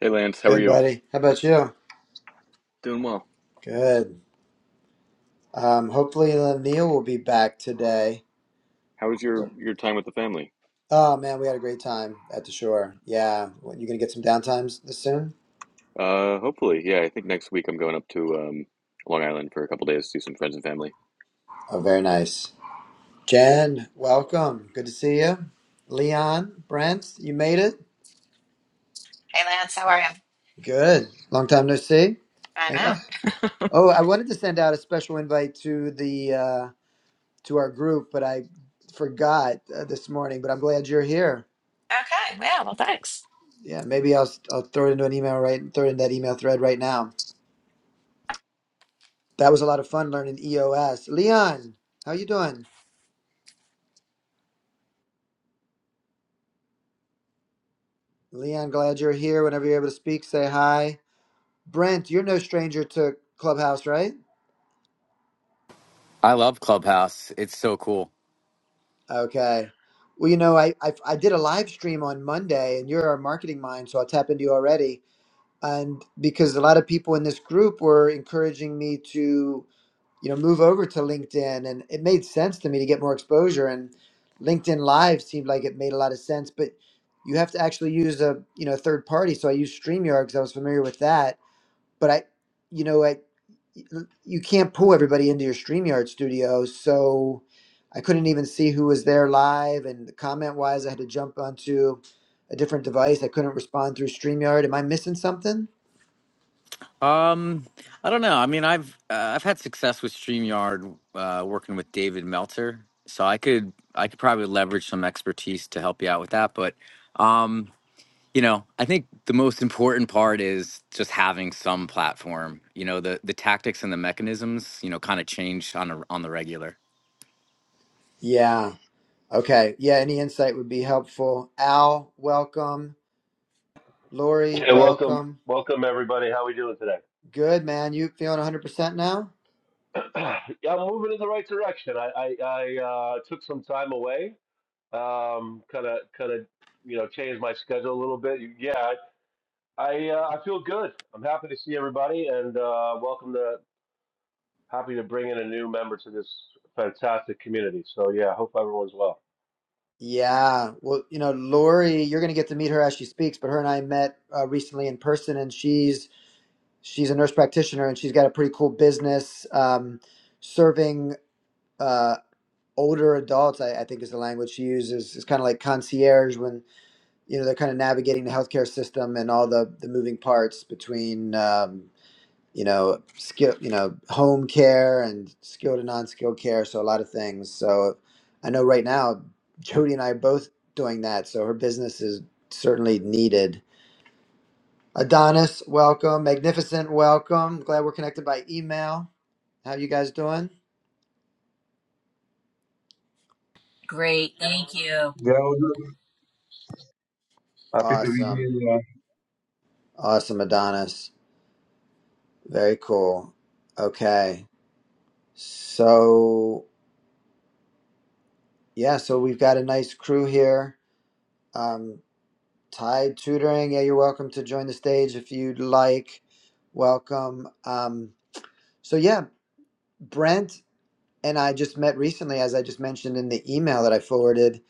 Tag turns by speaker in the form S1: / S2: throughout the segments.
S1: Hey Lance, how are
S2: Good,
S1: you?
S2: buddy. How about you?
S1: Doing well.
S2: Good. Um, hopefully, uh, Neil will be back today.
S1: How was your
S2: Sure.
S1: your time with the family?
S2: Oh man, we had a great time at the shore. Yeah, what, you gonna get some downtimes this soon?
S1: Uh, hopefully, yeah. I think next week I'm going up to um, Long Island for a couple days to see some friends and family.
S2: Oh, very nice. Jen, welcome. Good to see you. Leon, Brent, you made it.
S3: Hey Lance, how are you?
S2: Good. Long time no see.
S3: I
S2: And
S3: know.
S2: uh, oh, I wanted to send out a special invite to the uh, to our group, but I forgot uh, this morning. But I'm glad you're here.
S3: Okay. Yeah, well, thanks.
S2: Yeah, maybe I'll I'll throw it into an email right throw it in that email thread right now. That was a lot of fun learning EOS. Leon, how you doing? Leon, glad you're here. Whenever you're able to speak, say hi. Brent, you're no stranger to Clubhouse, right?
S4: I love Clubhouse. It's so cool.
S2: Okay. Well, you know, I, I I did a live stream on Monday, and you're our marketing mind, so I'll tap into you already. And because a lot of people in this group were encouraging me to you know move over to linkedin and it made sense to me to get more exposure and linkedin live seemed like it made a lot of sense but you have to actually use a you know third party so i used streamyard because i was familiar with that but i you know i you can't pull everybody into your streamyard studio so i couldn't even see who was there live and comment wise i had to jump onto a different device i couldn't respond through streamyard am i missing something
S4: Um, I don't know. I mean, I've uh, I've had success with Streamyard uh, working with David Meltzer, so I could I could probably leverage some expertise to help you out with that. But um, you know, I think the most important part is just having some platform. You know, the the tactics and the mechanisms, you know, kind of change on a, on the regular.
S2: yeah okay yeah any insight would be helpful al welcome Lori,
S5: Hey, welcome,
S2: welcome.
S5: welcome everybody. How we doing today?
S2: Good, man. You feeling 100% now?
S5: yeah, I'm moving in the right direction. I I, I uh, took some time away, um, kind of kind of you know changed my schedule a little bit. Yeah, I I, uh, I feel good. I'm happy to see everybody, and uh, welcome to happy to bring in a new member to this fantastic community. So yeah, hope everyone's well.
S2: Yeah. Well, you know, Lori, you're going to get to meet her as she speaks, but her and I met uh, recently in person, and she's she's a nurse practitioner, and she's got a pretty cool business um, serving uh, older adults. I, I think is the language she uses. It's kind of like concierge when you know they're kind of navigating the healthcare system and all the the moving parts between. um, you know, skill, you know, home care and skilled and non skilled care, so a lot of things. So I know right now Jody and I are both doing that, so her business is certainly needed. Adonis, welcome. Magnificent, welcome. Glad we're connected by email. How you guys doing?
S6: Great. Thank you.
S7: Yeah, Girl, happy to be here.
S2: Awesome.
S7: yeah.
S2: Awesome, Adonis. Very cool. Okay. So, yeah, so we've got a nice crew here. Um, Tide Tutoring. Yeah, you're welcome to join the stage if you'd like. Welcome. Um, so, yeah, Brent and I just met recently, as I just mentioned in the email that I forwarded,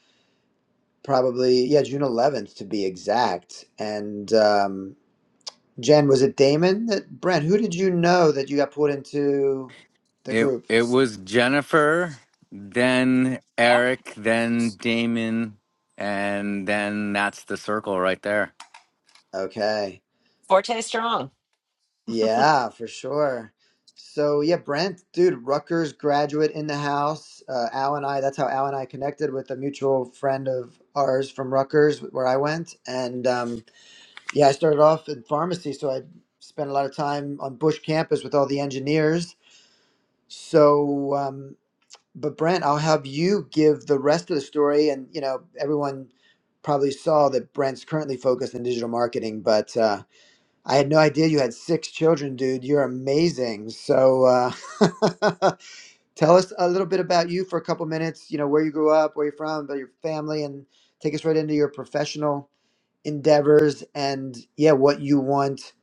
S2: probably, yeah, June 11th to be exact. And um, Jen, was it Damon that Brent, who did you know that you got put into the
S4: It
S2: group?
S4: it was Jennifer, then
S3: Yeah.
S4: Eric, then Damon, and then that's the circle right there.
S2: Okay.
S3: Forte strong.
S2: Yeah, for sure. So yeah, Brent, dude, Rutgers graduate in the house. Uh, Al and I, that's how Al and I connected with a mutual friend of ours from Rutgers, where I went. And um, yeah, I started off in pharmacy, so I spent a lot of time on Bush campus with all the engineers. So, um, but Brent, I'll have you give the rest of the story. And you know, everyone probably saw that Brent's currently focused in digital marketing, but. Uh, I had no idea you had six children, dude. You're amazing. So, uh, tell us a little bit about you for a couple minutes. You know, where you grew up, where you're from, about your family, and take us right into your professional endeavors and, yeah, what you want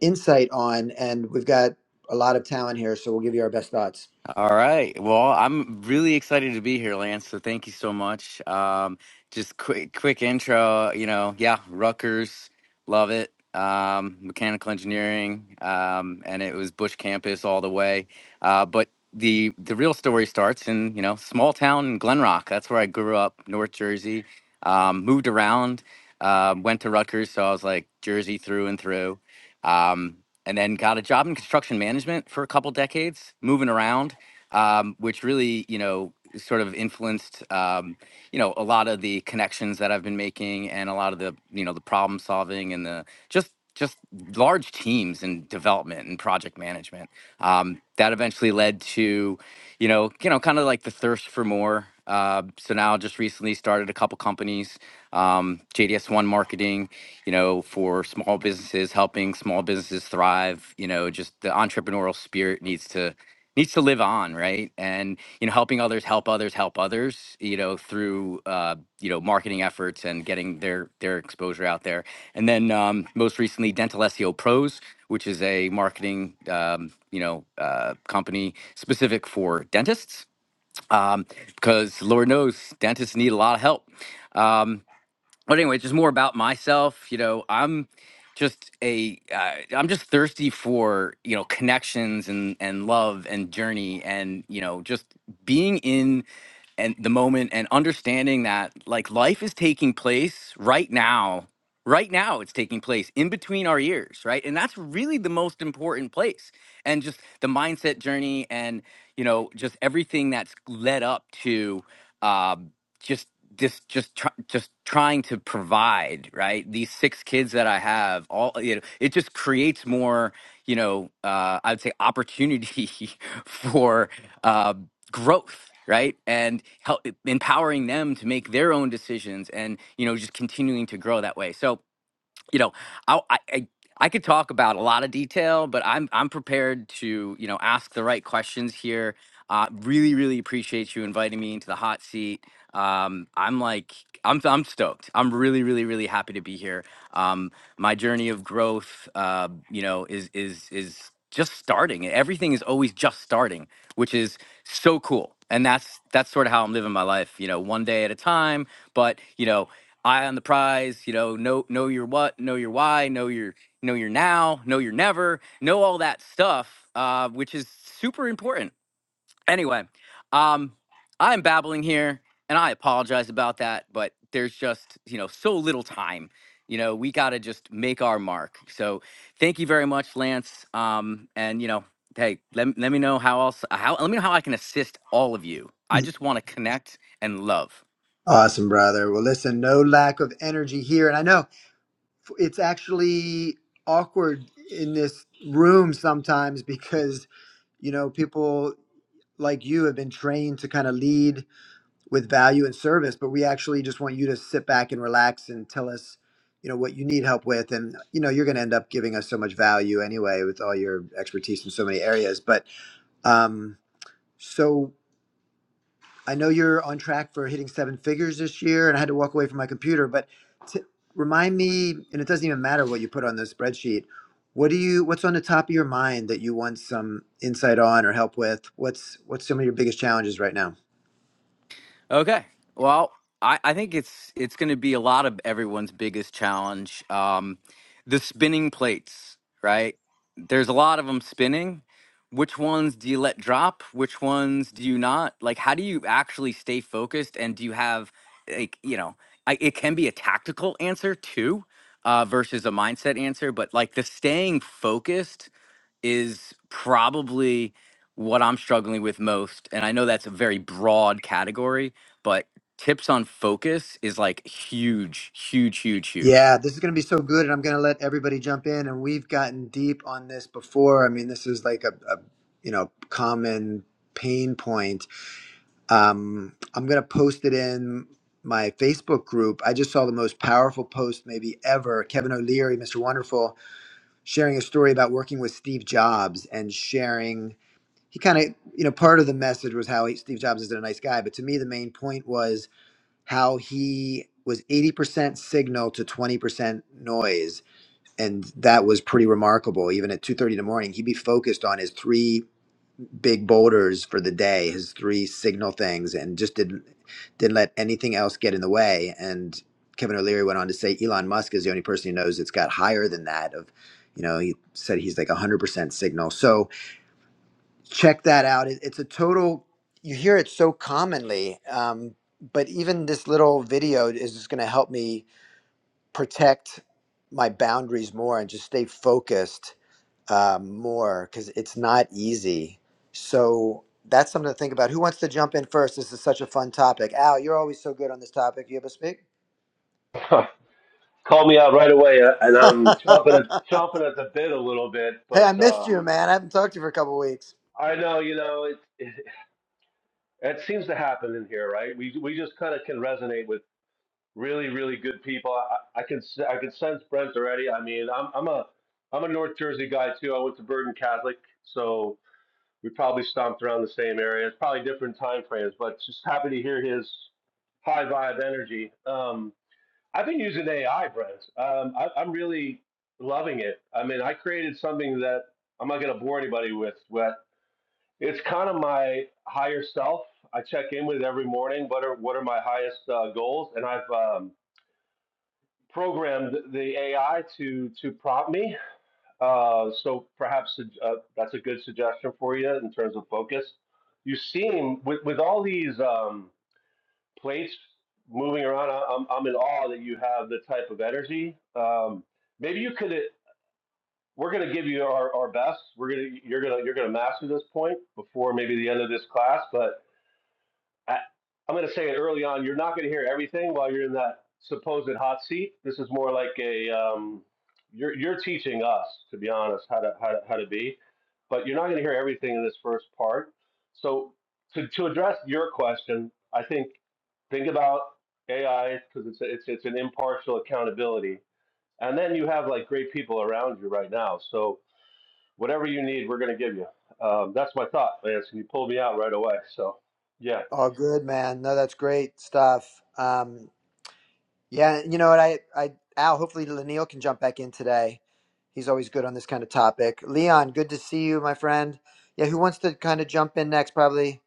S2: insight on. And we've got a lot of talent here, so we'll give you our best thoughts.
S4: All right. Well, I'm really excited to be here, Lance. So thank you so much. Um, just quick, quick intro. You know, yeah, Rutgers, love it. Um, mechanical engineering, um, and it was Bush campus all the way. Uh, but the the real story starts in you know small town in Glen Rock. That's where I grew up, North Jersey. Um, moved around, um, went to Rutgers, so I was like Jersey through and through. Um, and then got a job in construction management for a couple decades, moving around um, which really, you know, sort of influenced, um, you know, a lot of the connections that I've been making and a lot of the, you know, the problem solving and the just just large teams in development and project management. Um, that eventually led to, you know, you know, kind of like the thirst for more. Uh, so now just recently started a couple companies, um, JDS One Marketing, you know, for small businesses, helping small businesses thrive. You know, just the entrepreneurial spirit needs to needs to live on right and you know helping others help others help others you know through uh, you know marketing efforts and getting their their exposure out there and then um, most recently dental seo pros which is a marketing um, you know uh, company specific for dentists um, because lord knows dentists need a lot of help Um, but anyway, just more about myself. You know, I'm just a uh, I'm just thirsty for you know connections and and love and journey and you know just being in and the moment and understanding that like life is taking place right now right now it's taking place in between our ears right and that's really the most important place and just the mindset journey and you know just everything that's led up to um, just just just try, just trying to provide right these six kids that i have all you know it just creates more you know uh, i would say opportunity for uh, growth right and help empowering them to make their own decisions and you know just continuing to grow that way so you know, I, I I I could talk about a lot of detail, but I'm I'm prepared to you know ask the right questions here. Uh, really, really appreciate you inviting me into the hot seat. Um, I'm like I'm I'm stoked. I'm really, really, really happy to be here. Um, my journey of growth, uh, you know, is is is just starting. Everything is always just starting, which is so cool. And that's that's sort of how I'm living my life, you know, one day at a time. But you know, eye on the prize you know know know your what know your why know your know your now know your never know all that stuff uh, which is super important anyway um i'm babbling here and i apologize about that but there's just you know so little time you know we gotta just make our mark so thank you very much lance um and you know hey let, let me know how else how let me know how i can assist all of you i just want to connect and love
S2: Awesome, brother. Well, listen, no lack of energy here. And I know it's actually awkward in this room sometimes because, you know, people. like you have been trained to kind of lead with value and service but we actually just want you to sit back and relax and tell us you know what you need help with and you know you're going to end up giving us so much value anyway with all your expertise in so many areas but um so i know you're on track for hitting seven figures this year and i had to walk away from my computer but t- remind me and it doesn't even matter what you put on the spreadsheet what do you what's on the top of your mind that you want some insight on or help with what's what's some of your biggest challenges right now
S4: Okay. Well, I, I think it's it's going to be a lot of everyone's biggest challenge. Um, the spinning plates, right? There's a lot of them spinning. Which ones do you let drop? Which ones do you not? Like, how do you actually stay focused? And do you have, like, you know, I, it can be a tactical answer too, uh, versus a mindset answer. But like the staying focused is probably what I'm struggling with most. And I know that's a very broad category, but tips on focus is like huge, huge, huge, huge.
S2: Yeah, this is going to be so good, and I'm going to let everybody jump in. And we've gotten deep on this before. I mean, this is like a, a you know common pain point. Um, I'm going to post it in my Facebook group. I just saw the most powerful post maybe ever. Kevin O'Leary, Mr. Wonderful, sharing a story about working with Steve Jobs and sharing. He kind of you know part of the message was how he, Steve Jobs is a nice guy, but to me the main point was how he was 80% signal to 20% noise and that was pretty remarkable even at 2.30 in the morning he'd be focused on his three big boulders for the day his three signal things and just didn't didn't let anything else get in the way and kevin o'leary went on to say elon musk is the only person he knows that's got higher than that of you know he said he's like 100% signal so check that out. It, it's a total. You hear it so commonly, um, but even this little video is just going to help me protect my boundaries more and just stay focused uh, more because it's not easy. So that's something to think about. Who wants to jump in first? This is such a fun topic. Al, you're always so good on this topic. You have a speak.
S5: Call me out right away, uh, and
S2: hey,
S5: I'm chomping at chomping at the bit a little bit,
S2: I
S5: but
S2: missed you,
S5: um,
S2: man. I haven't talked to you for a couple weeks.
S5: I know you know it. It seems to happen in here, right? We we just kind of can resonate with really really good people. I, I can s- I can sense Brent already. I mean, I'm I'm a I'm a North Jersey guy too. I went to Bergen Catholic, so we probably stomped around the same area. It's probably different time frames, but just happy to hear his high vibe energy. Um, I've been using AI, Brent. Um, I, I'm really loving it. I mean, I created something that I'm not going to bore anybody with. It's kind of my higher self. I check in with it every morning. What are what are my highest uh, goals? And I've um, programmed the AI to to prompt me. Uh, so perhaps uh, that's a good suggestion for you in terms of focus. You seem with with all these um, plates moving around. I, I'm I'm in awe that you have the type of energy. Um, maybe you could. We're going to give you our, our best. We're going to you're going to you're going to master this point before maybe the end of this class, but I, I'm going to say it early on. You're not going to hear everything while you're in that supposed hot seat. This is more like a um, you're you're teaching us, to be honest, how to how to, how to be. But you're not going to hear everything in this first part. So to to address your question, I think think about AI because it's it's it's an impartial accountability, and then you have like great people around you right now. So whatever you need, we're going to give you. Um, that's my thought, Lance, and you pulled me out right away. So yeah.
S2: Oh, good, man. No, that's great stuff. Um, Yeah, you know what? I, I, Al, hopefully Lanil can jump back in today. He's always good on this kind of topic. Leon, good to see you, my friend. Yeah, who wants to kind of jump in next? Probably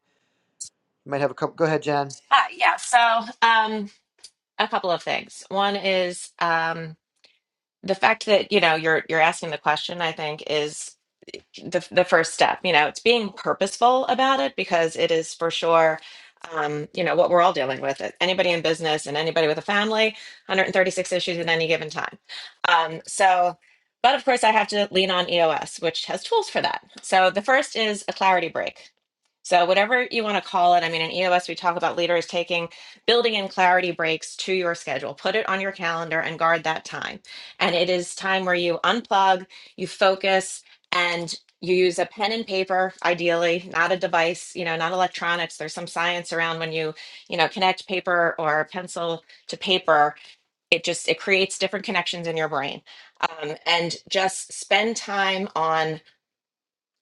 S2: you might have a couple. Go ahead, Jen.
S3: Ah, yeah. So, um, a couple of things. One is um the fact that, you know, you're you're asking the question, I think, is. the, the first step you know it's being purposeful about it because it is for sure um, you know what we're all dealing with uh, anybody in business and anybody with a family 136 issues at any given time um, so but of course i have to lean on eos which has tools for that so the first is a clarity break so whatever you want to call it i mean in eos we talk about leaders taking building in clarity breaks to your schedule put it on your calendar and guard that time and it is time where you unplug you focus and you use a pen and paper ideally not a device you know not electronics there's some science around when you you know connect paper or pencil to paper it just it creates different connections in your brain um, and just spend time on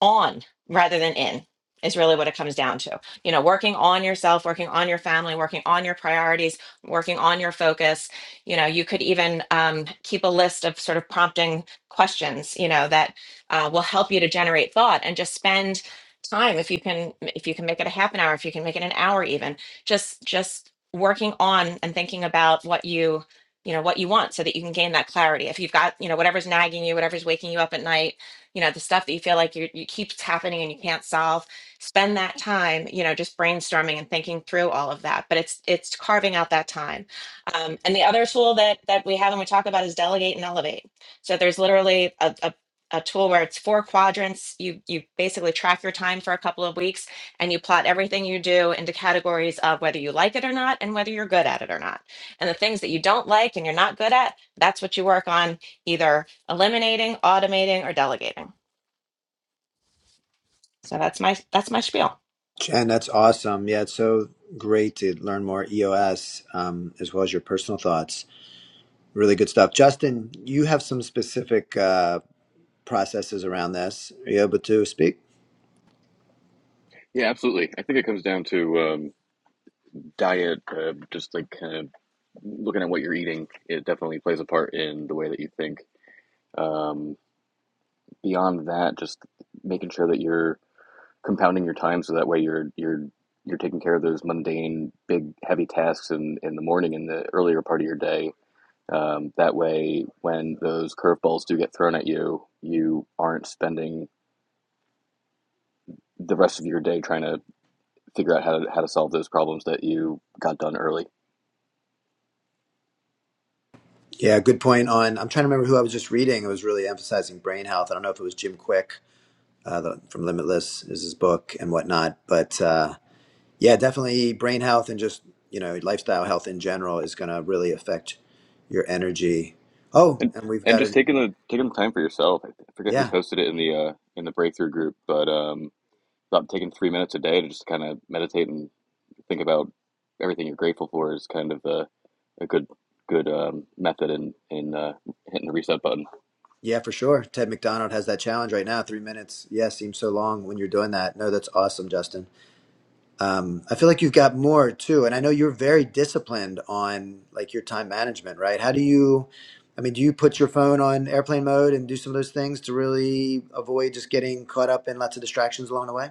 S3: on rather than in is really what it comes down to. You know, working on yourself, working on your family, working on your priorities, working on your focus. You know, you could even um, keep a list of sort of prompting questions, you know, that uh, will help you to generate thought and just spend time if you can if you can make it a half an hour if you can make it an hour even just just working on and thinking about what you you know what you want so that you can gain that clarity if you've got you know whatever's nagging you whatever's waking you up at night you know the stuff that you feel like you you keeps happening and you can't solve spend that time you know just brainstorming and thinking through all of that but it's it's carving out that time um, and the other tool that that we have and we talk about is delegate and elevate so there's literally a, a a tool where it's four quadrants you you basically track your time for a couple of weeks and you plot everything you do into categories of whether you like it or not and whether you're good at it or not and the things that you don't like and you're not good at that's what you work on either eliminating, automating, or delegating. So that's my that's my spiel.
S2: Jen, that's awesome. Yeah, it's so great to learn more EOS um, as well as your personal thoughts. Really good stuff. Justin, you have some specific uh, processes around this. Are you able to speak?
S1: Yeah, absolutely. I think it comes down to um, diet, uh, just like kind of looking at what you're eating. It definitely plays a part in the way that you think. Um, beyond that, just making sure that you're compounding your time so that way you're you're you're taking care of those mundane, big, heavy tasks in in the morning in the earlier part of your day Um, that way, when those curveballs do get thrown at you, you aren't spending the rest of your day trying to figure out how to, how to solve those problems that you got done early.
S2: Yeah, good point on. I'm trying to remember who I was just reading. It was really emphasizing brain health. I don't know if it was Jim Quick uh, the, from Limitless is his book and whatnot. But uh, yeah, definitely brain health and just you know lifestyle health in general is going to really affect your energy. Oh,
S1: And,
S2: and we've
S1: and
S2: got
S1: just
S2: a
S1: taking the taking the time for yourself. I forget who
S2: yeah,
S1: posted it in the uh, in the breakthrough group, but um, about taking three minutes a day to just kind of meditate and think about everything you're grateful for is kind of a, a good good um, method in in uh, hitting the reset button.
S2: yeah for sure. Ted McDonald has that challenge right now. Three minutes. Yeah, seems so long when you're doing that. No, that's awesome, Justin. Um, I feel like you've got more too, and I know you're very disciplined on like your time management, right? How do you, I mean, do you put your phone on airplane mode and do some of those things to really avoid just getting caught up in lots of distractions along the way?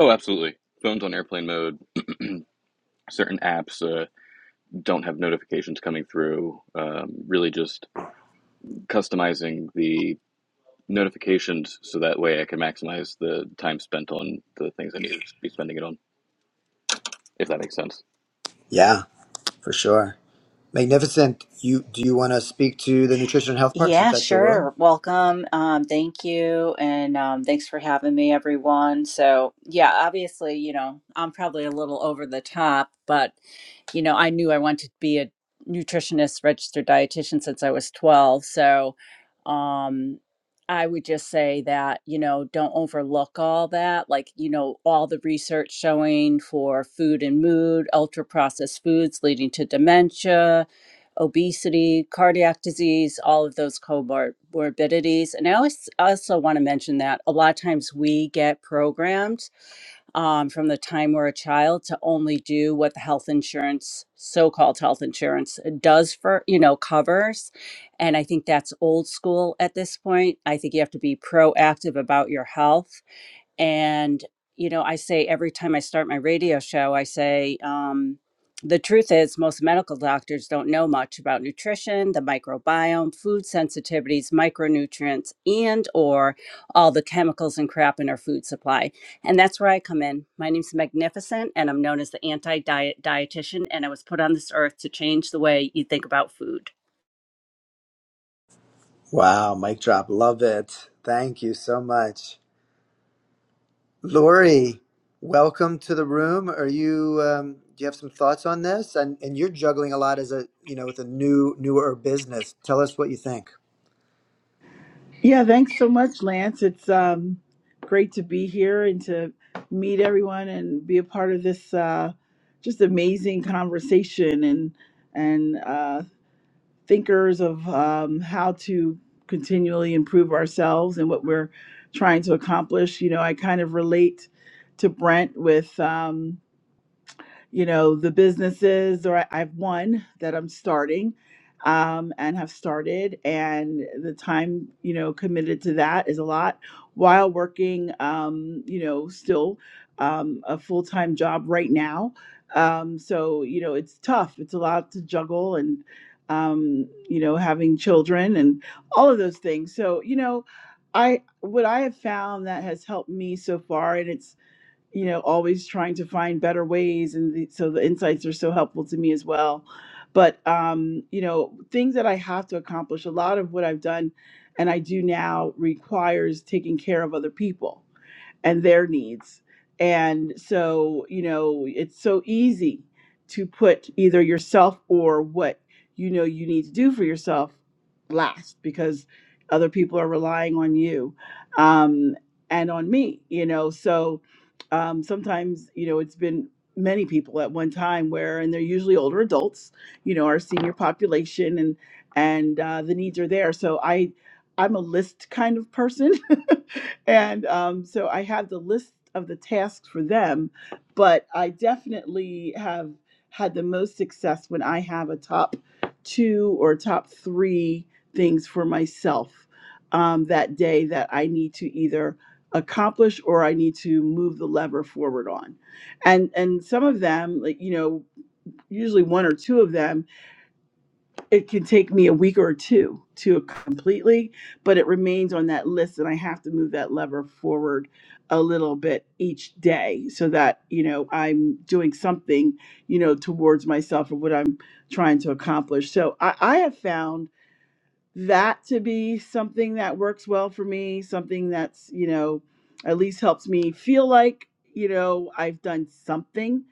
S1: Oh, absolutely. Phones on airplane mode. Certain apps. uh, don't have notifications coming through. Um, really, just customizing the notifications so that way I can maximize the time spent on the things I need to be spending it on, if that makes sense.
S2: Yeah, for sure. Magnificent. You do you want to speak to the nutrition and health part since
S6: Yeah,
S2: that's your world?
S6: sure. Welcome. Um, thank you. And um, thanks for having me, everyone. So, yeah, obviously, you know, I'm probably a little over the top, but, you know, I knew I wanted to be a nutritionist, registered dietitian since I was 12. So, um, I would just say that, you know, don't overlook all that. Like, you know, all the research showing for food and mood, ultra processed foods leading to dementia obesity, cardiac disease, all of those comorbidities. And I always also want to mention that a lot of times we get programmed um, from the time we're a child to only do what the health insurance, so-called health insurance, uh, does for you know covers. And I think that's old school at this point. I think you have to be proactive about your health and, you know, I say every time I start my radio show, I say, um, the truth is, most medical doctors don't know much about nutrition, the microbiome, food sensitivities, micronutrients, and or all the chemicals and crap in our food supply. And that's where I come in. My name's Magnificent, and I'm known as the anti-diet dietitian. And I was put on this earth to change the way you think about food.
S2: Wow, mic drop. Love it. Thank you so much. Lori, welcome to the room. Are you um, do you have some thoughts on this? And and you're juggling a lot as a you know with a new newer business. Tell us what you think.
S8: Yeah, thanks so much, Lance. It's um, great to be here and to meet everyone and be a part of this uh, just amazing conversation and and uh, thinkers of um, how to continually improve ourselves and what we're trying to accomplish. You know, I kind of relate to Brent with. Um, you know the businesses or I, I have one that i'm starting um, and have started and the time you know committed to that is a lot while working um, you know still um, a full-time job right now um, so you know it's tough it's a lot to juggle and um, you know having children and all of those things so you know i what i have found that has helped me so far and it's you know, always trying to find better ways. And the, so the insights are so helpful to me as well. But, um, you know, things that I have to accomplish, a lot of what I've done and I do now requires taking care of other people and their needs. And so, you know, it's so easy to put either yourself or what you know you need to do for yourself last because other people are relying on you um, and on me, you know. So um, sometimes, you know, it's been many people at one time where, and they're usually older adults, you know, our senior population and, and uh, the needs are there. So I, I'm a list kind of person. and um, so I have the list of the tasks for them, but I definitely have had the most success when I have a top two or top three things for myself um, that day that I need to either accomplish or I need to move the lever forward on. And and some of them, like you know, usually one or two of them it can take me a week or two to completely, but it remains on that list and I have to move that lever forward a little bit each day so that, you know, I'm doing something, you know, towards myself or what I'm trying to accomplish. So I, I have found that to be something that works well for me, something that's, you know, at least helps me feel like, you know, I've done something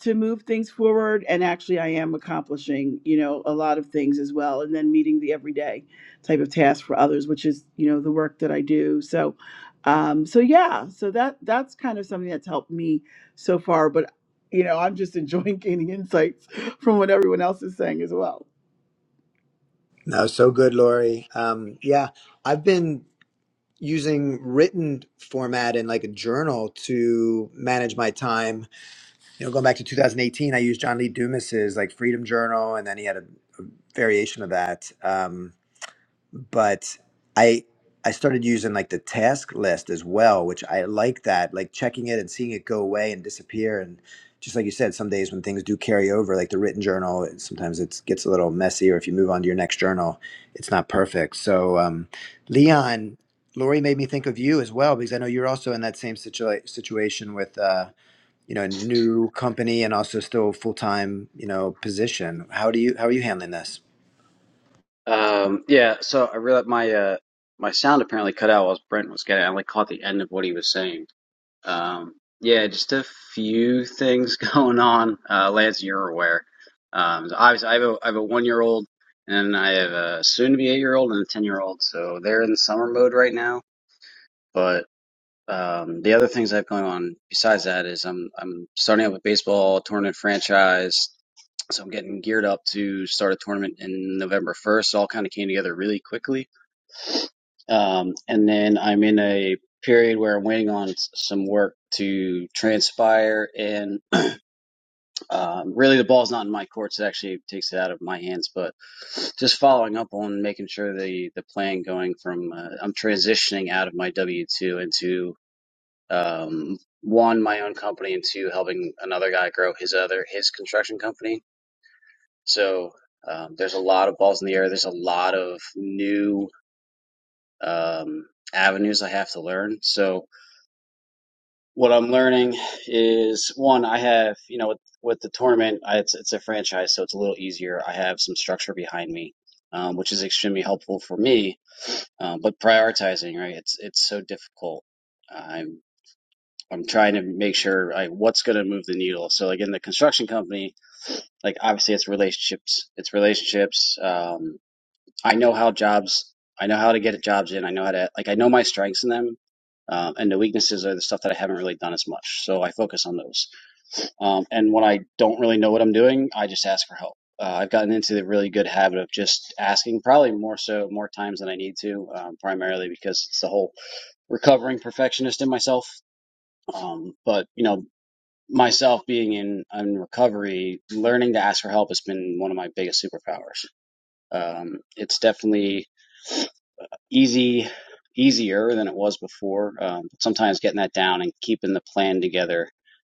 S8: to move things forward and actually i am accomplishing you know a lot of things as well and then meeting the everyday type of task for others which is you know the work that i do so um so yeah so that that's kind of something that's helped me so far but you know i'm just enjoying gaining insights from what everyone else is saying as well
S2: No, so good, Lori. Um, yeah, I've been using written format in like a journal to manage my time. You know, going back to 2018, I used John Lee Dumas's like Freedom Journal, and then he had a variation of that. Um, but I I started using like the task list as well, which I like that, like checking it and seeing it go away and disappear. And just like you said, some days when things do carry over, like the written journal, it- sometimes it gets a little messy, or if you move on to your next journal, it's not perfect. So, um, Leon, Lori made me think of you as well because I know you're also in that same situa- situation with uh, you know a new company and also still full time you know position. How do you how are you handling this?
S9: Um, yeah, so I realized my uh my sound apparently cut out while Brent was getting. I only caught the end of what he was saying. Um, yeah, just a few things going on. Uh, Lance, you're aware. Um, so obviously, I have a I have a one year old, and I have a soon to be eight year old and a ten year old. So they're in summer mode right now. But um, the other things I have going on besides that is I'm I'm starting up a baseball tournament franchise. So I'm getting geared up to start a tournament in November 1st. All kind of came together really quickly um, and then I'm in a period where I'm waiting on s- some work to transpire. And um, really, the ball's not in my courts. It actually takes it out of my hands. But just following up on making sure the, the plan going from uh, I'm transitioning out of my W 2 into um, one, my own company, and two, helping another guy grow his other, his construction company. So um, there's a lot of balls in the air. There's a lot of new um, avenues I have to learn. So what I'm learning is one, I have, you know, with, with the tournament, I, it's, it's a franchise, so it's a little easier. I have some structure behind me, um, which is extremely helpful for me. Um, but prioritizing, right? It's, it's so difficult. I'm, I'm trying to make sure like what's going to move the needle. So like in the construction company, like obviously it's relationships, it's relationships. Um, I know how jobs, I know how to get jobs in. I know how to, like, I know my strengths in them. Um, and the weaknesses are the stuff that I haven't really done as much. So I focus on those. Um, and when I don't really know what I'm doing, I just ask for help. Uh, I've gotten into the really good habit of just asking, probably more so, more times than I need to, um, primarily because it's the whole recovering perfectionist in myself. Um, but, you know, myself being in, in recovery, learning to ask for help has been one of my biggest superpowers. Um, it's definitely easy easier than it was before. Um, but sometimes getting that down and keeping the plan together,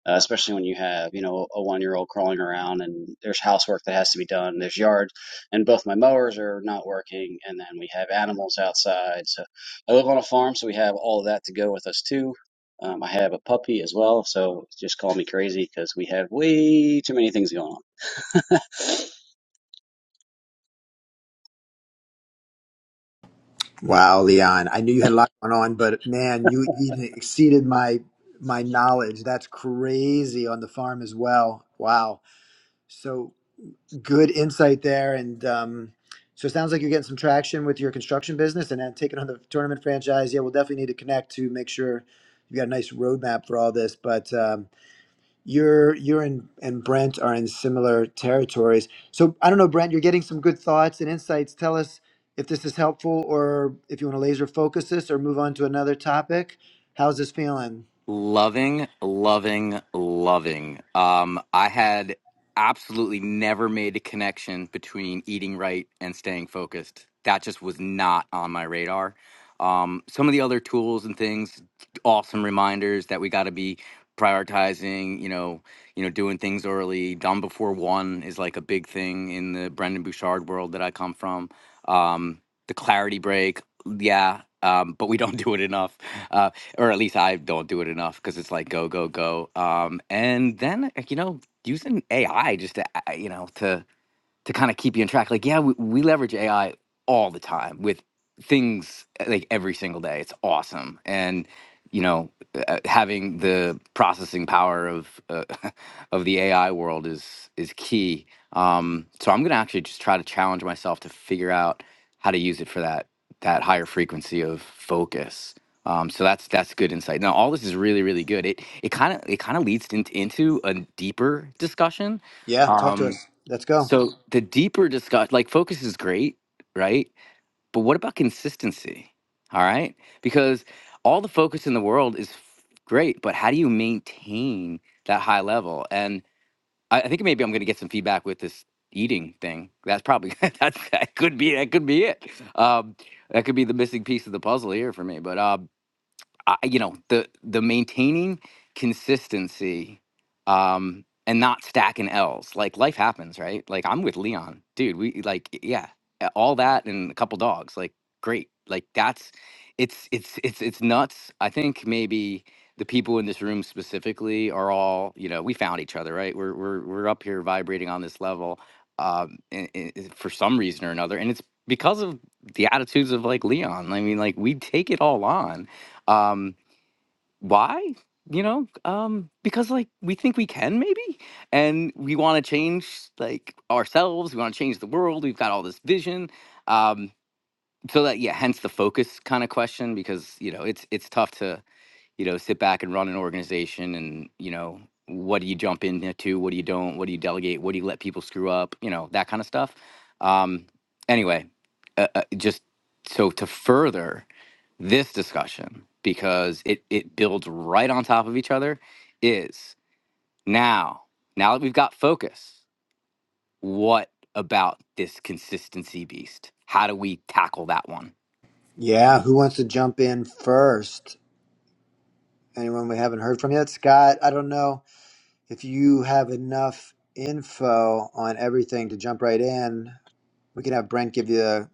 S9: uh, especially when you have you know a one year old crawling around and there's housework that has to be done, there's yard, and both my mowers are not working, and then we have animals outside. So I live on a farm, so we have all of that to go with us too. Um, I have a puppy as well, so just call me crazy because we have way too many things going on.
S2: Wow, Leon. I knew you had a lot going on, but man, you even exceeded my my knowledge. That's crazy on the farm as well. Wow. So good insight there. And um, so it sounds like you're getting some traction with your construction business and then taking on the tournament franchise. Yeah, we'll definitely need to connect to make sure you've got a nice roadmap for all this. But um, you're you're in and Brent are in similar territories. So I don't know, Brent, you're getting some good thoughts and insights. Tell us if this is helpful or if you want to laser focus this or move on to another topic. How's this feeling?
S4: Loving, loving, loving. Um, I had absolutely never made a connection between eating right and staying focused. That just was not on my radar. Um, some of the other tools and things, awesome reminders that we got to be prioritizing. You know, you know, doing things early. Done before one is like a big thing in the Brendan Bouchard world that I come from. Um, the clarity break, yeah, um, but we don't do it enough. Uh or at least I don't do it enough because it's like go go go. Um, and then like, you know using AI just to uh, you know to to kind of keep you on track. Like, yeah, we, we leverage AI all the time with things uh, like every single day. It's awesome. And, you know, uh, having the processing power of uh, of the AI world is is key. Um, so I'm gonna actually just try to challenge myself to figure out how to use it for that that higher frequency of focus. Um, so that's that's good insight. Now all this is really really good. It it kind of it kind of leads into into a deeper discussion.
S2: Yeah, talk to
S4: Um,
S2: us. Let's go.
S4: so the deeper discuss like focus is great, right? But what about consistency? All right? Because all the focus in the world is f- great, but how do you maintain that high level? And I, I think maybe I'm going to get some feedback with this eating thing. That's probably that's that could be that could be it. Um, that could be the missing piece of the puzzle here for me. But uh, I, you know the the maintaining consistency um and not stacking l's like life happens right like i'm with leon dude we like yeah a- all that and a couple dogs like great like that's it's it's it's it's nuts i think maybe the people in this room specifically are all you know we found each other right we're we're, we're up here vibrating on this level um and, and for some reason or another and it's because of the attitudes of like leon i mean like we take it all on um why you know um because like we think we can maybe and we want to change like ourselves we want to change the world we've got all this vision um so that yeah hence the focus kind of question because you know it's it's tough to you know sit back and run an organization and you know what do you jump into what do you don't what do you delegate what do you let people screw up you know that kind of stuff um anyway uh, uh, just so to further this discussion because it it builds right on top of each other is now now that we've got focus what about this consistency beast how do we tackle that one
S2: Yeah, who wants to jump in first? Anyone we haven't heard from yet? Scott, I don't know if you have enough info on everything to jump right in. We can have Brent give you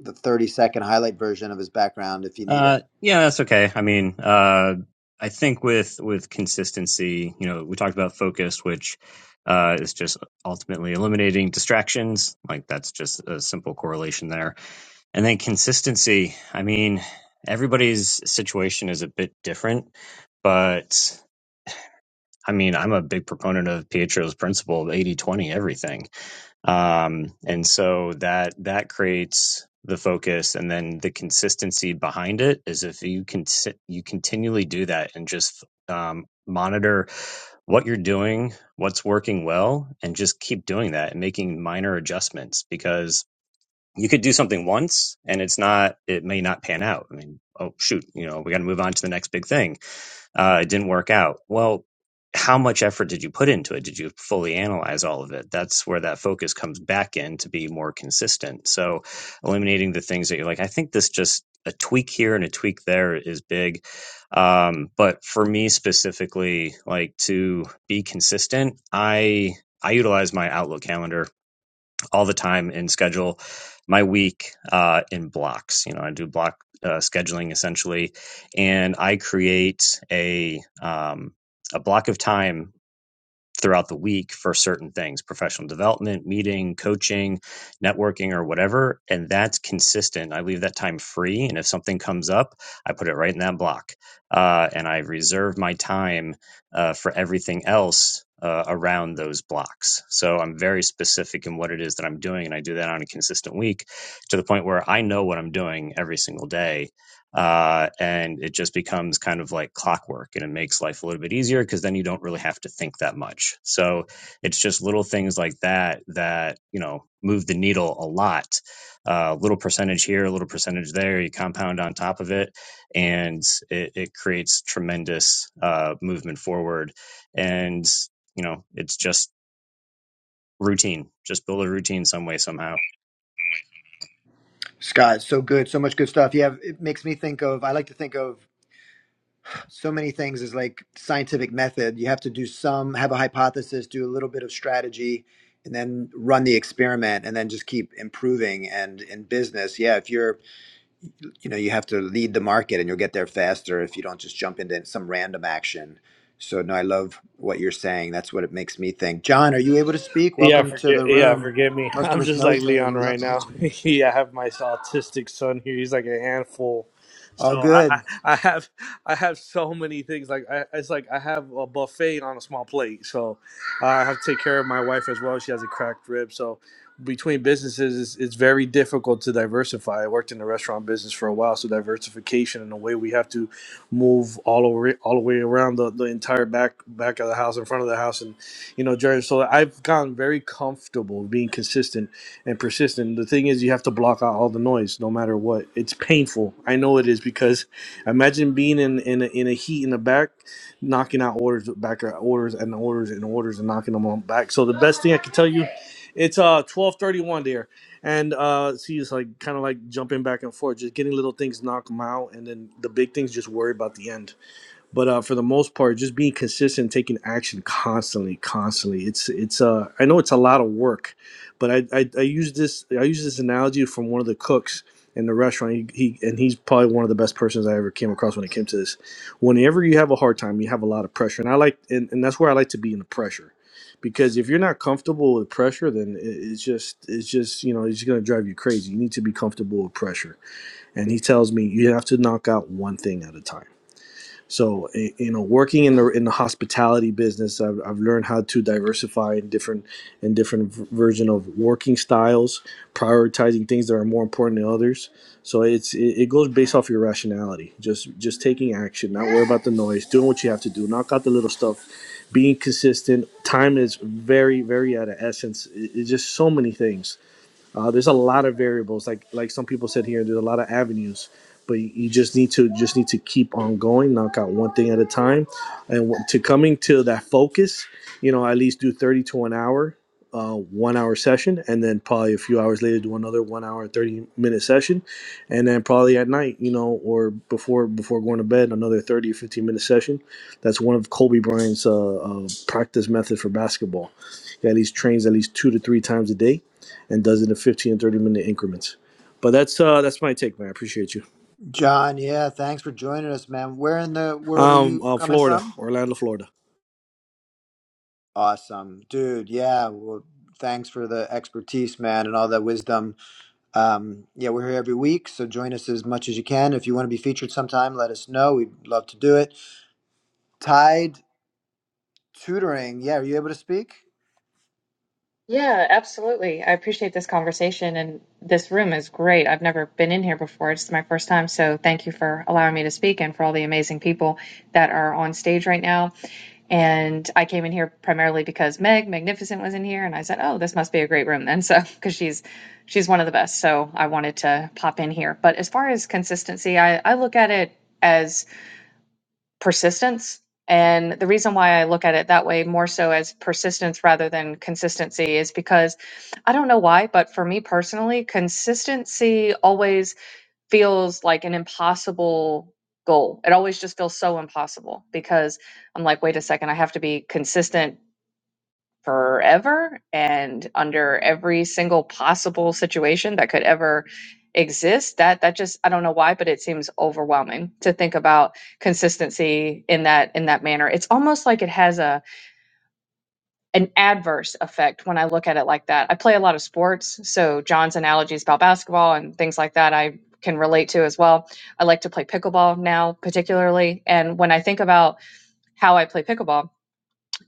S2: the 30 second highlight version of his background if you need it.
S10: Uh, yeah, that's okay. I mean, uh, I think with with consistency, you know, we talked about focus, which uh, is just ultimately eliminating distractions. Like that's just a simple correlation there. And then consistency. I mean, everybody's situation is a bit different, but I mean, I'm a big proponent of Pietro's principle of eighty twenty everything um, and so that that creates the focus and then the consistency behind it is if you can sit, you continually do that and just um, monitor what you're doing what's working well and just keep doing that and making minor adjustments because you could do something once and it's not it may not pan out i mean oh shoot you know we got to move on to the next big thing uh, it didn't work out. Well, how much effort did you put into it? Did you fully analyze all of it? That's where that focus comes back in to be more consistent. So, eliminating the things that you're like, I think this just a tweak here and a tweak there is big. Um, but for me specifically, like to be consistent, I I utilize my Outlook calendar all the time and schedule my week uh, in blocks. You know, I do block uh, scheduling essentially, and I create a um, a block of time throughout the week for certain things professional development meeting coaching networking or whatever and that's consistent i leave that time free and if something comes up i put it right in that block uh, and i reserve my time uh, for everything else uh, around those blocks so i'm very specific in what it is that i'm doing and i do that on a consistent week to the point where i know what i'm doing every single day uh, and it just becomes kind of like clockwork and it makes life a little bit easier because then you don't really have to think that much so it's just little things like that that you know move the needle a lot A uh, little percentage here a little percentage there you compound on top of it and it, it creates tremendous uh, movement forward and you know it's just routine just build a routine some way somehow
S2: Scott, so good, so much good stuff. Yeah, it makes me think of. I like to think of so many things as like scientific method. You have to do some, have a hypothesis, do a little bit of strategy, and then run the experiment, and then just keep improving. And in business, yeah, if you're, you know, you have to lead the market, and you'll get there faster if you don't just jump into some random action. So no, I love what you're saying. That's what it makes me think. John, are you able to speak?
S11: Yeah,
S2: Welcome to
S11: forget.
S2: the
S11: Yeah,
S2: room.
S11: forgive me.
S2: Most of
S11: I'm
S2: us
S11: just
S2: know
S11: like
S2: each other.
S11: Leon
S2: We love
S11: right
S2: to meet
S11: now.
S2: you.
S11: yeah, I have my autistic son here. He's like a handful.
S2: All
S11: So I,
S2: good.
S11: I, I have, I have so many things. Like I, it's like I have a buffet on a small plate. So I have to take care of my wife as well. She has a cracked rib. So between businesses, it's, it's very difficult to diversify. I worked in the restaurant business for a while, so diversification and the way we have to move all over, all the way around the, the entire back back of the house, in front of the house, and you know, Jared. So I've gotten very comfortable being consistent and persistent. The thing is, you have to block out all the noise, no matter what. It's painful. I know it is because imagine being in in a, in a heat in the back, knocking out orders, back out orders and orders and orders and knocking them on back. So the best thing I can tell you, it's uh twelve thirty one there, and uh see, it's like kind of like jumping back and forth, just getting little things, knock them out, and then the big things, just worry about the end but uh, for the most part, just being consistent, taking action constantly, constantly. It's it's uh, I know it's a lot of work, but I, I I use this I use this analogy from one of the cooks in the restaurant. He, he and he's probably one of the best persons I ever came across when it came to this. Whenever you have a hard time, you have a lot of pressure, and I like and, and that's where I like to be in the pressure, because if you're not comfortable with pressure, then it, it's just it's just you know it's gonna drive you crazy. You need to be comfortable with pressure, and he tells me you have to knock out one thing at a time so, i- you know, working in the in the hospitality business, I've, I've learned how to diversify in different in different v- version of working styles, prioritizing things that are more important than others. So it's it, it goes based off your rationality. Just just taking action, not worry about the noise, doing what you have to do, knock out the little stuff, being consistent. Time is very very at of essence. It- it's just so many things uh, there's a lot of variables, like like some people said here. There's a lot of avenues, but you, you just need to just need to keep on going, knock out one thing at a time, and w- to coming to that focus. You know, at least do 30 to an hour, uh, one hour session, and then probably a few hours later do another one hour 30 minute session, and then probably at night, you know, or before before going to bed, another 30 or 15 minute session. That's one of Kobe Bryant's uh, uh, practice method for basketball. He at least trains at least two to three times a day and does it in 15 and 30 minute increments. But that's uh that's my take, man. I appreciate you.
S2: John, yeah, thanks for joining us, man. Where in the world are
S11: Um,
S2: you
S11: uh,
S2: coming
S11: Florida,
S2: from?
S11: Orlando, Florida.
S2: Awesome, dude. Yeah, well, thanks for the expertise, man, and all that wisdom. Um, yeah, we're here every week, so join us as much as you can. If you want to be featured sometime, let us know. We'd love to do it. Tide tutoring. Yeah, are you able to speak?
S12: Yeah, absolutely. I appreciate this conversation, and this room is great. I've never been in here before. It's my first time, so thank you for allowing me to speak and for all the amazing people that are on stage right now. And I came in here primarily because Meg Magnificent was in here, and I said, "Oh, this must be a great room." then, so because she's she's one of the best, so I wanted to pop in here. But as far as consistency, I I look at it as persistence. And the reason why I look at it that way more so as persistence rather than consistency is because I don't know why, but for me personally, consistency always feels like an impossible goal. It always just feels so impossible because I'm like, wait a second, I have to be consistent forever and under every single possible situation that could ever exist that that just i don't know why but it seems overwhelming to think about consistency in that in that manner it's almost like it has a an adverse effect when i look at it like that i play a lot of sports so john's analogies about basketball and things like that i can relate to as well i like to play pickleball now particularly and when i think about how i play pickleball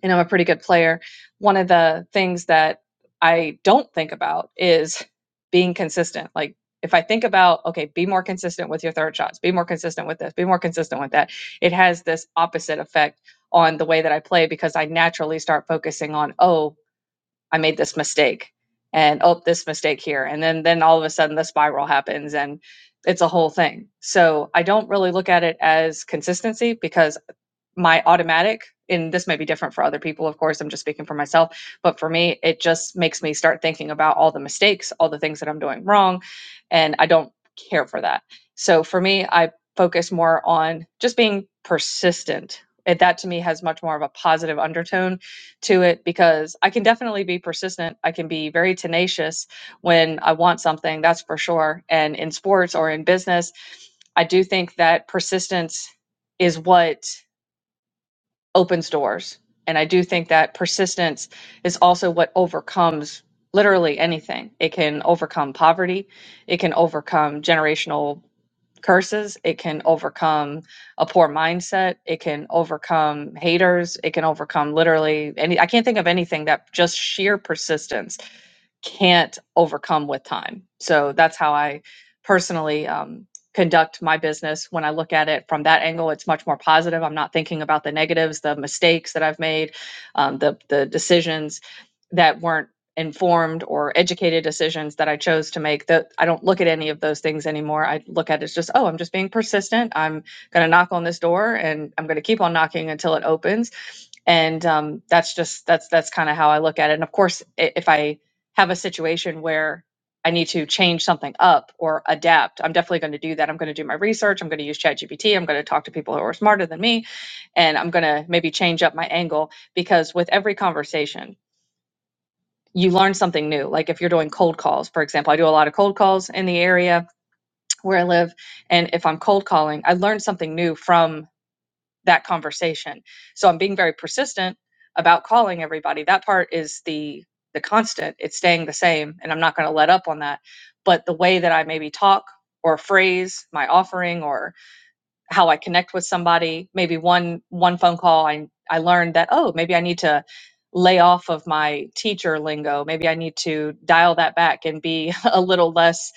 S12: and I'm a pretty good player. One of the things that I don't think about is being consistent. Like if I think about, okay, be more consistent with your third shots, be more consistent with this, be more consistent with that, it has this opposite effect on the way that I play because I naturally start focusing on, oh, I made this mistake and oh, this mistake here. And then then all of a sudden the spiral happens and it's a whole thing. So I don't really look at it as consistency because my automatic and this may be different for other people of course i'm just speaking for myself but for me it just makes me start thinking about all the mistakes all the things that i'm doing wrong and i don't care for that so for me i focus more on just being persistent and that to me has much more of a positive undertone to it because i can definitely be persistent i can be very tenacious when i want something that's for sure and in sports or in business i do think that persistence is what opens doors. And I do think that persistence is also what overcomes literally anything. It can overcome poverty, it can overcome generational curses, it can overcome a poor mindset, it can overcome haters, it can overcome literally any I can't think of anything that just sheer persistence can't overcome with time. So that's how I personally um, conduct my business. When I look at it from that angle, it's much more positive. I'm not thinking about the negatives, the mistakes that I've made, um, the the decisions that weren't informed or educated decisions that I chose to make that I don't look at any of those things anymore. I look at it as just, oh, I'm just being persistent. I'm going to knock on this door and I'm going to keep on knocking until it opens. And um, that's just, that's, that's kind of how I look at it. And of course, if I, have a situation where I need to change something up or adapt, I'm definitely going to do that. I'm going to do my research. I'm going to use ChatGPT. I'm going to talk to people who are smarter than me. And I'm going to maybe change up my angle because with every conversation, you learn something new. Like if you're doing cold calls, for example, I do a lot of cold calls in the area where I live. And if I'm cold calling, I learn something new from that conversation. So I'm being very persistent about calling everybody. That part is the the constant. It's staying the same and I'm not going to let up on that. But the way that I maybe talk or phrase my offering or how I connect with somebody. Maybe one one phone call, I I learned that oh, maybe I need to lay off of my teacher lingo. Maybe I need to dial that back and be a little less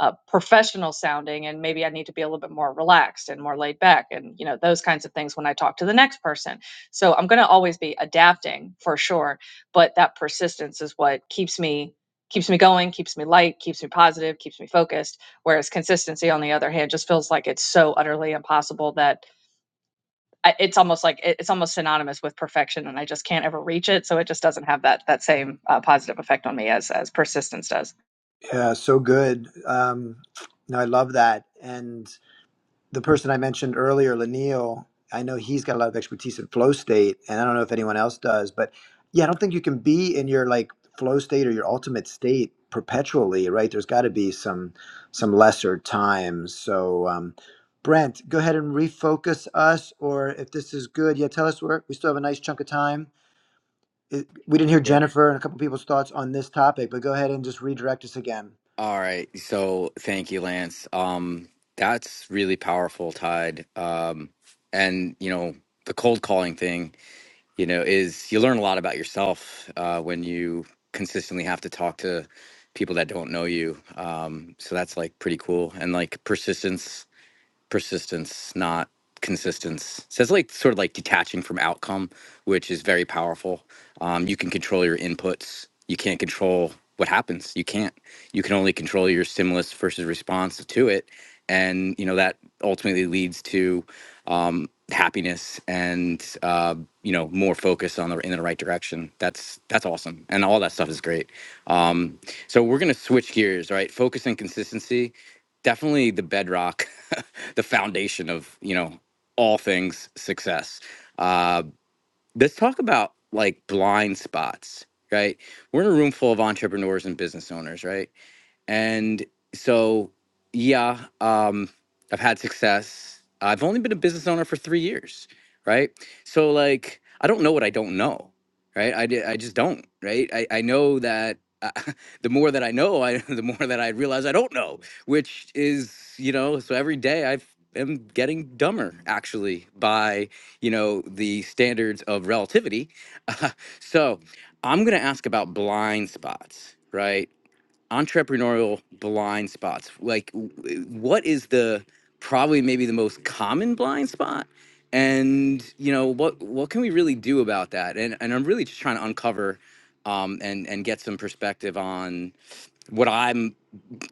S12: uh, professional sounding, and maybe I need to be a little bit more relaxed and more laid back, and you know those kinds of things when I talk to the next person. So I'm going to always be adapting for sure, but that persistence is what keeps me keeps me going, keeps me light, keeps me positive, keeps me focused Whereas consistency, on the other hand, just feels like it's so utterly impossible that I, it's almost like it's almost synonymous with perfection, and I just can't ever reach it. So it just doesn't have that that same uh, positive effect on me as as persistence does.
S2: Yeah, so good. Um, no, I love that. and. the person I mentioned earlier, Lanil, I know he's got a lot of expertise in flow state, and I don't know if anyone else does, but yeah, I don't think you can be in your like flow state or your ultimate state perpetually, right? There's got to be some some lesser times. So, um, Brent, go ahead and refocus us, or if this is good, yeah, tell us where we still have a nice chunk of time. It, we didn't hear Jennifer and a couple people's thoughts on this topic, but go ahead and just redirect us again.
S4: all right so thank you lance um that's really powerful tide um and you know the cold calling thing you know, is you learn a lot about yourself uh, when you consistently have to talk to people that don't know you. Um, so that's like pretty cool. And like persistence persistence, not consistence. So it's like sort of like detaching from outcome, which is very powerful. Um, you can control your inputs. You can't control what happens. You can't. You can only control your stimulus versus response to it, and you know that ultimately leads to um, happiness and uh, you know more focus on the in the right direction. That's that's awesome, and all that stuff is great. Um, so we're gonna switch gears, right? Focus and consistency definitely the bedrock the foundation of you know all things success. Uh, let's talk about like blind spots, right? We're in a room full of entrepreneurs and business owners, right? And so, yeah, um, I've had success. I've only been a business owner for three years, right? So, like, I don't know what I don't know, right? I, di- I just don't, right? I, I know that uh, the more that I know, I, the more that I realize I don't know, which is, you know, so every day I've, am getting dumber actually by you know the standards of relativity so i'm going to ask about blind spots right entrepreneurial blind spots like w- what is the probably maybe the most common blind spot and you know what what can we really do about that and and i'm really just trying to uncover um, and and get some perspective on what i'm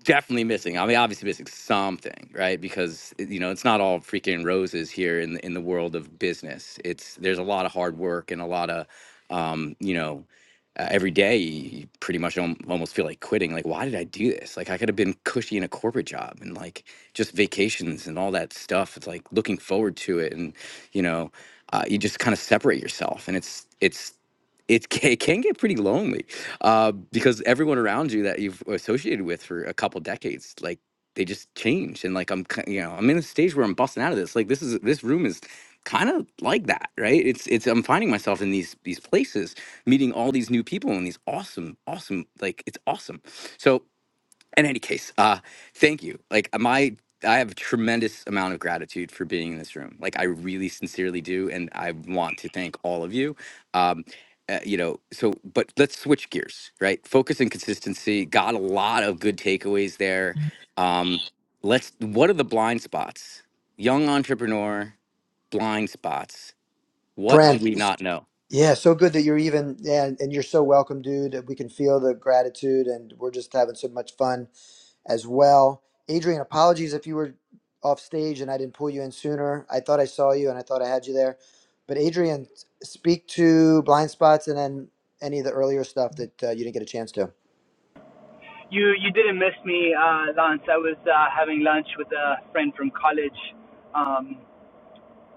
S4: definitely missing. I mean, obviously missing something, right? Because you know, it's not all freaking roses here in the, in the world of business. It's there's a lot of hard work and a lot of, um, you know, uh, every day you pretty much al- almost feel like quitting. Like, why did I do this? Like, I could have been cushy in a corporate job and like just vacations and all that stuff. It's like looking forward to it, and you know, uh, you just kind of separate yourself, and it's it's. It it can get pretty lonely uh, because everyone around you that you've associated with for a couple decades, like they just changed. And like I'm, ki- you know, I'm in a stage where I'm busting out of this. Like this is this room is kind of like that, right? It's it's I'm finding myself in these these places, meeting all these new people and these awesome, awesome, like it's awesome. So in any case uh thank you like uh, my i have a tremendous amount of gratitude for being in this room like i really sincerely do and i want to thank all of you um uh, you know so but let's switch gears right focus and consistency got a lot of good takeaways there um let's what are the blind spots young entrepreneur blind spots what do we
S2: Brent.
S4: not know
S2: Yeah, so good that you're even, yeah, and and you're so welcome, dude. We can feel the gratitude, and we're just having so much fun as well. Adrian, apologies if you were off stage and I didn't pull you in sooner. I thought I saw you and I thought I had you there. But Adrian, speak to blind spots and then any of the earlier stuff that uh, you didn't get a chance to.
S13: You you didn't miss me, uh, Lance. I was uh, having lunch with a friend from college. Um,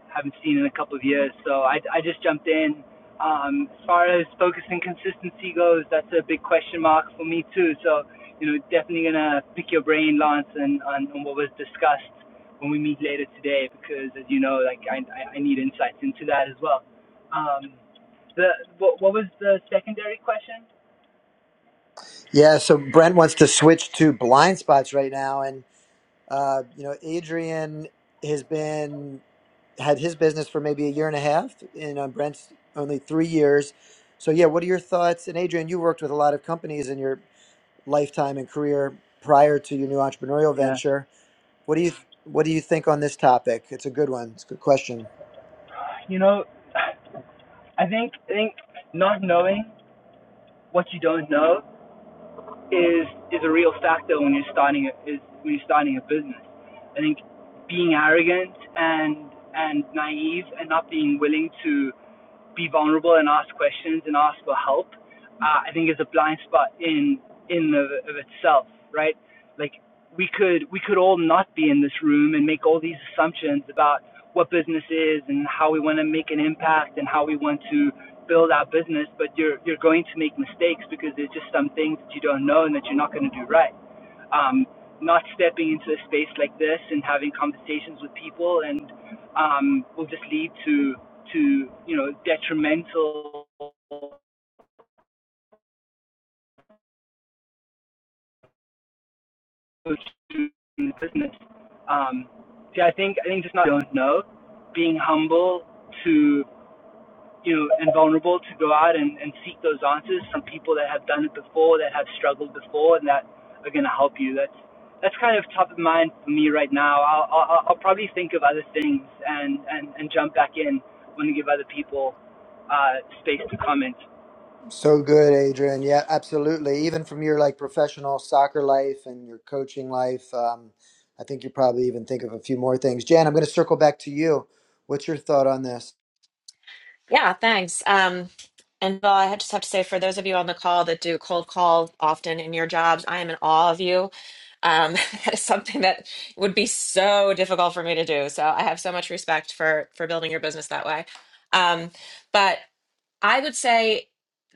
S13: haven't seen in a couple of years, so I I just jumped in. Um, as far as focus and consistency goes, that's a big question mark for me too. So you know, definitely gonna pick your brain, Lance, and on, on what was discussed when we meet later today, because as you know, like I I I need insights into that as well. Um, the what what was the secondary question?
S2: Yeah, so Brent wants to switch to blind spots right now, and Uh, you know, Adrian has been had his business for maybe a year and a half, and on Brent's only three years. So, yeah, what are your thoughts? And Adrian, you worked with a lot of companies in your lifetime and career prior to your new entrepreneurial
S13: Yeah,
S2: venture. What do you what do you think on this topic? It's a good one. It's a good question.
S13: you know. I think I think not knowing what you don't know is is a real factor when you're starting a, is when you're starting a business. I think being arrogant and and naive and not being willing to be vulnerable and ask questions and ask for help, uh, I think is a blind spot in in of, of itself, right? Like we could we could all not be in this room and make all these assumptions about what business is and how we want to make an impact and how we want to build our business, but you're you're going to make mistakes because there's just some things that you don't know and that you're not going to do right um, not stepping into a space like this and having conversations with people and um, will just lead to to you know detrimental business. Um, see, I think I think just not don't know, being humble to you know, and vulnerable to go out and, and seek those answers from people that have done it before, that have struggled before, and that are going to help you. That's that's kind of top of mind for me right now. I'll I'll, I'll probably think of other things and, and and jump back in when we give other people uh, space to comment.
S2: So good, Adrian. Yeah, absolutely. Even from your like professional soccer life and your coaching life, um, I think you probably even think of a few more things. Jan, I'm going to circle back to you. What's your thought on this?
S3: Yeah, thanks. Um, and well, I just have to say, for those of you on the call that do cold call often in your jobs, I am in awe of you. Um, that is something that would be so difficult for me to do. So I have so much respect for for building your business that way. Um, but I would say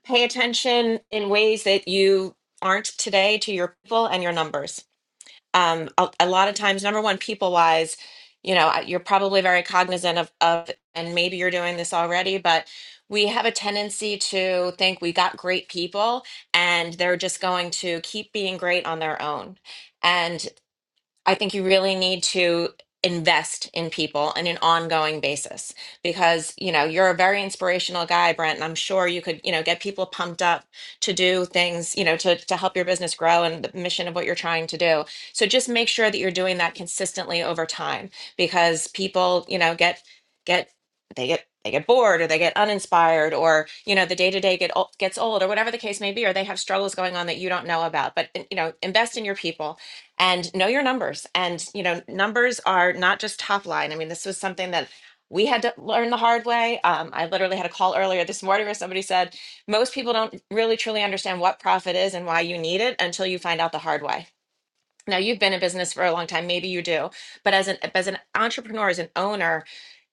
S3: pay attention in ways that you aren't today to your people and your numbers um a, a lot of times number one people wise you know I- you're probably very cognizant of of and maybe you're doing this already but we have a tendency to think we got great people and they're just going to keep being great on their own and. I think you really need to invest in people on an ongoing basis because you know you're a very inspirational guy Brent and I'm sure you could you know get people pumped up to do things you know to to help your business grow and the mission of what you're trying to do so just make sure that you're doing that consistently over time because people you know get get they get they get bored or they get uninspired or you know the day to day get ol- gets old or whatever the case may be or they have struggles going on that you don't know about but you know invest in your people and know your numbers and you know numbers are not just top line i mean this was something that we had to learn the hard way um, i literally had a call earlier this morning where somebody said most people don't really truly understand what profit is and why you need it until you find out the hard way now you've been in business for a long time maybe you do but as an as an entrepreneur as an owner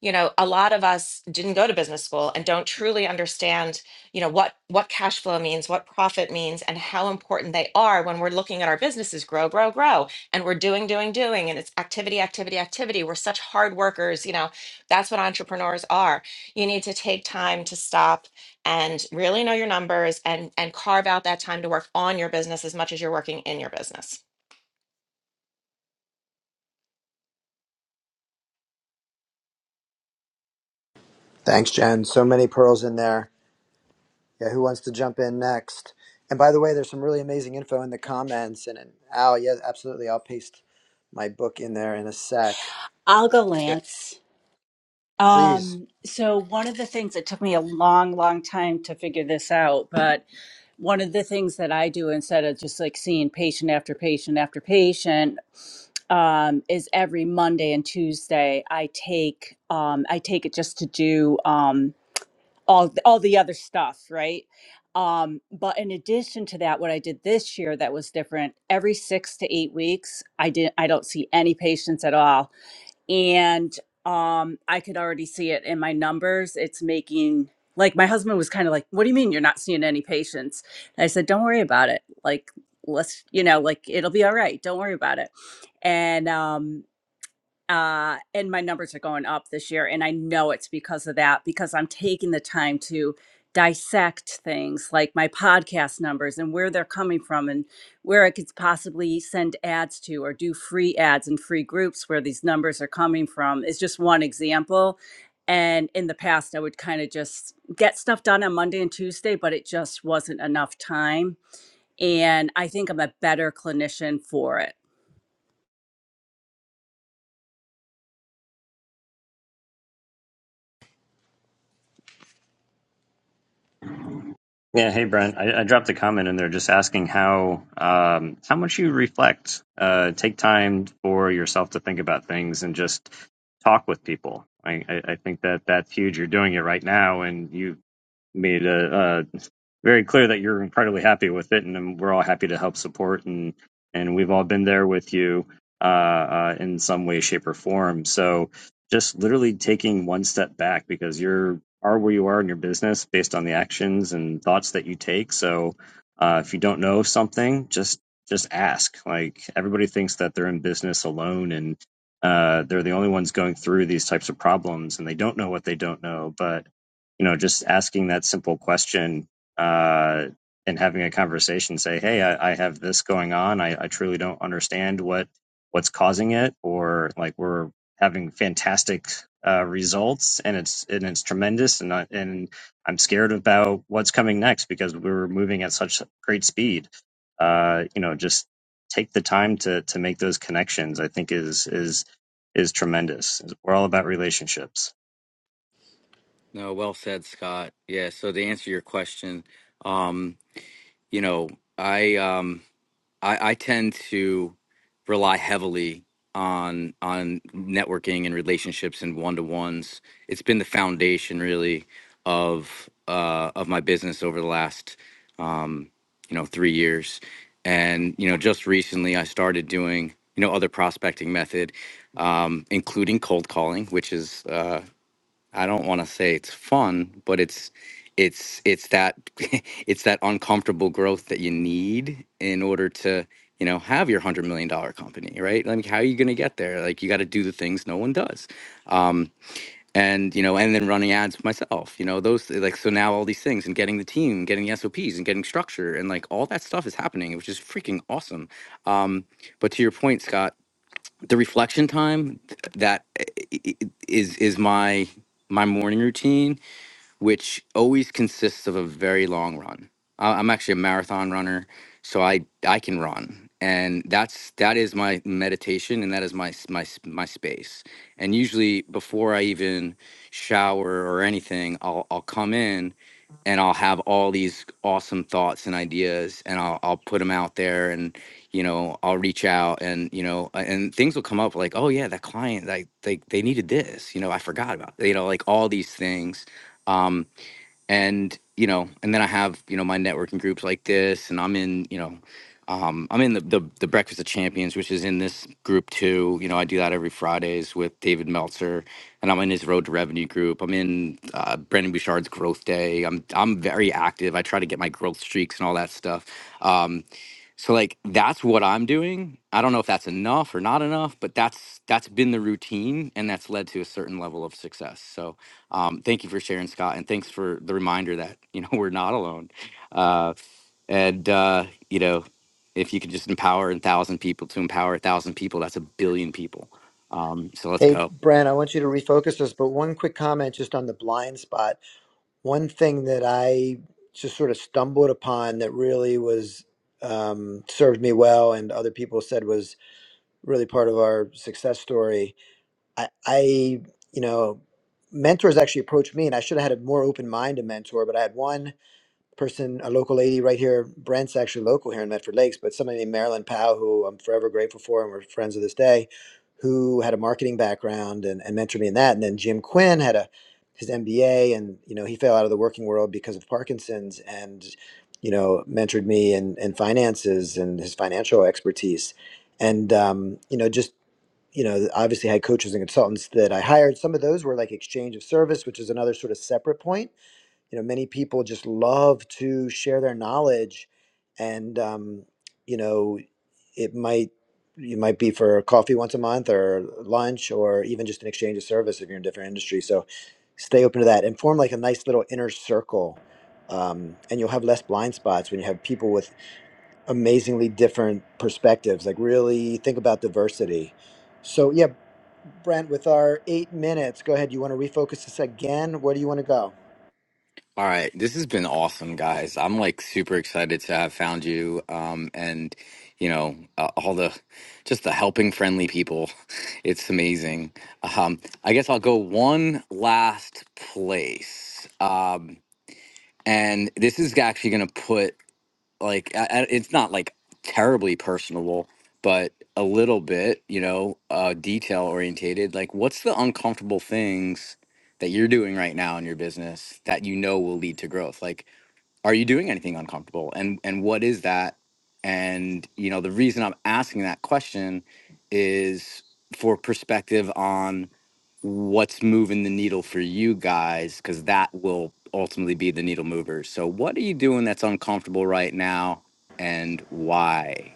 S3: you know a lot of us didn't go to business school and don't truly understand you know what what cash flow means what profit means and how important they are when we're looking at our businesses grow grow grow and we're doing doing doing and it's activity activity activity we're such hard workers you know that's what entrepreneurs are you need to take time to stop and really know your numbers and and carve out that time to work on your business as much as you're working in your business
S2: Thanks, Jen. So many pearls in there. Yeah, who wants to jump in next? And by the way, there's some really amazing info in the comments. And, and Al, yeah, absolutely. I'll paste my book in there in a sec.
S6: I'll go,
S2: Yeah.
S6: Lance.
S2: Please.
S6: Um, so one of the things it took me a long, long time to figure this out, but one of the things that I do instead of just like seeing patient after patient after patient, um, is every Monday and Tuesday I take um I take it just to do um all all the other stuff, right? Um, but in addition to that, what I did this year that was different, every six to eight weeks, I didn't I don't see any patients at all and um i could already see it in my numbers it's making like my husband was kind of like what do you mean you're not seeing any patients and i said don't worry about it like let's you know like it'll be all right don't worry about it and um uh, and my numbers are going up this year. And I know it's because of that, because I'm taking the time to dissect things like my podcast numbers and where they're coming from and where I could possibly send ads to or do free ads and free groups where these numbers are coming from is just one example. And in the past, I would kind of just get stuff done on Monday and Tuesday, but it just wasn't enough time. And I think I'm a better clinician for it.
S10: Yeah, hey Brent. I, I dropped a comment in there just asking how um, how much you reflect, uh, take time for yourself to think about things, and just talk with people. I, I, I think that that's huge. You're doing it right now, and you made a, very clear that you're incredibly happy with it, and, we're all happy to help support and and we've all been there with you uh, uh, in some way, shape, or form. So just literally taking one step back because you're are where you are in your business based on the actions and thoughts that you take. So uh, if you don't know something, just just ask. Like everybody thinks that they're in business alone and uh, they're the only ones going through these types of problems, and they don't know what they don't know. But you know, just asking that simple question uh, and having a conversation say hey I, I have this going on I, I truly don't understand what what's causing it or like we're having fantastic uh, results and it's and it's tremendous and I, and I'm scared about what's coming next because we are moving at such great speed uh, you know just take the time to to make those connections I think is is is tremendous we're all about relationships
S4: no well said scott yeah so to answer your question um you know i um I, I tend to rely heavily on on networking and relationships and one to ones. It's been the foundation really of uh, of my business over the last um, you know three years, and you know just recently I started doing you know other prospecting method, um, including cold calling, which is uh, I don't want to say it's fun, but it's it's it's that it's that uncomfortable growth that you need in order to you know have your hundred million dollar company, right? Like, how are you going to get there? Like, you got to do the things no one does, um, and you know, and then running ads myself, you know, those like so now all these things and getting the team, getting the SOPs, and getting structure, and like all that stuff is happening, which is freaking awesome. Um, but to your point, Scott the reflection time that is is my my morning routine which always consists of a very long run. I- I'm actually a marathon runner, so I I can run, and that's that is my meditation, and that is my s- my s- my space. And usually, before I even shower or anything, I'll I'll come in, and I'll have all these awesome thoughts and ideas, and I'll I'll put them out there, and you know I'll reach out, and you know, a- and things will come up like, oh yeah, that client, like they they needed this, you know, I forgot about, you know, like all these things um and you know and then i have you know my networking groups like this and i'm in you know um i'm in the the, the breakfast of champions which is in this group too you know i do that every fridays with david meltzer and i'm in his road to revenue group i'm in uh, brandon bouchard's growth day i'm i'm very active i try to get my growth streaks and all that stuff Um, so like that's what I'm doing. I don't know if that's enough or not enough, but that's that's been the routine and that's led to a certain level of success. So um, thank you for sharing, Scott, and thanks for the reminder that you know we're not alone. Uh, and uh, you know, if you could just empower a thousand people to empower a thousand people, that's a billion people. Um, so let's
S2: Hey,
S4: go.
S2: Bran, I want you to refocus us, but one quick comment just on the blind spot. One thing that I just sort of stumbled upon that really was um, served me well and other people said was really part of our success story I, I, you know, mentors actually approached me, and I should have had a more open mind to mentor. But I had one person, a local lady right here, Brent's actually local here in Medford Lakes, but somebody named Marilyn Powell, who I'm forever grateful for, and we're friends to this day, who had a marketing background and, and mentored me in that. And then Jim Quinn had a his MBA, and you know, he fell out of the working world because of Parkinson's, and you know, mentored me in, in finances and his financial expertise. And um, you know, just you know, obviously had coaches and consultants that I hired. Some of those were like exchange of service, which is another sort of separate point. You know, many people just love to share their knowledge, and um, you know, it might it might be for coffee once a month or lunch or even just an exchange of service if you're in a different industry. So stay open to that and form like a nice little inner circle. Um, and you'll have less blind spots when you have people with amazingly different perspectives. Like really think about diversity. So yeah, Brent, with our eight minutes, go ahead. You want to refocus this again? Where do you want to go?
S4: All right, this has been awesome, guys. I'm like super excited to have found you, um, and you know uh, all the just the helping friendly people. It's amazing. Um, I guess I'll go one last place, um, and this is actually going to put like I, I- it's not like terribly personable but a little bit you know uh detail orientated like what's the uncomfortable things that you're doing right now in your business that you know will lead to growth like are you doing anything uncomfortable and and what is that and you know the reason i'm asking that question is for perspective on what's moving the needle for you guys because that will ultimately be the needle mover so what are you doing that's uncomfortable right now and why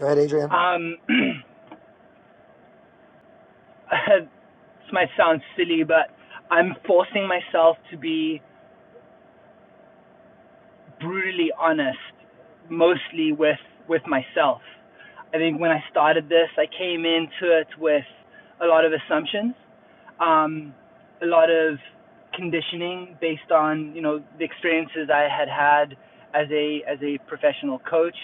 S2: Go ahead, Adrian.
S13: Um, this might sound silly, but I'm forcing myself to be brutally honest, mostly with with myself. I think when I started this, I came into it with a lot of assumptions, um, a lot of conditioning based on you know the experiences I had had as a as a professional coach,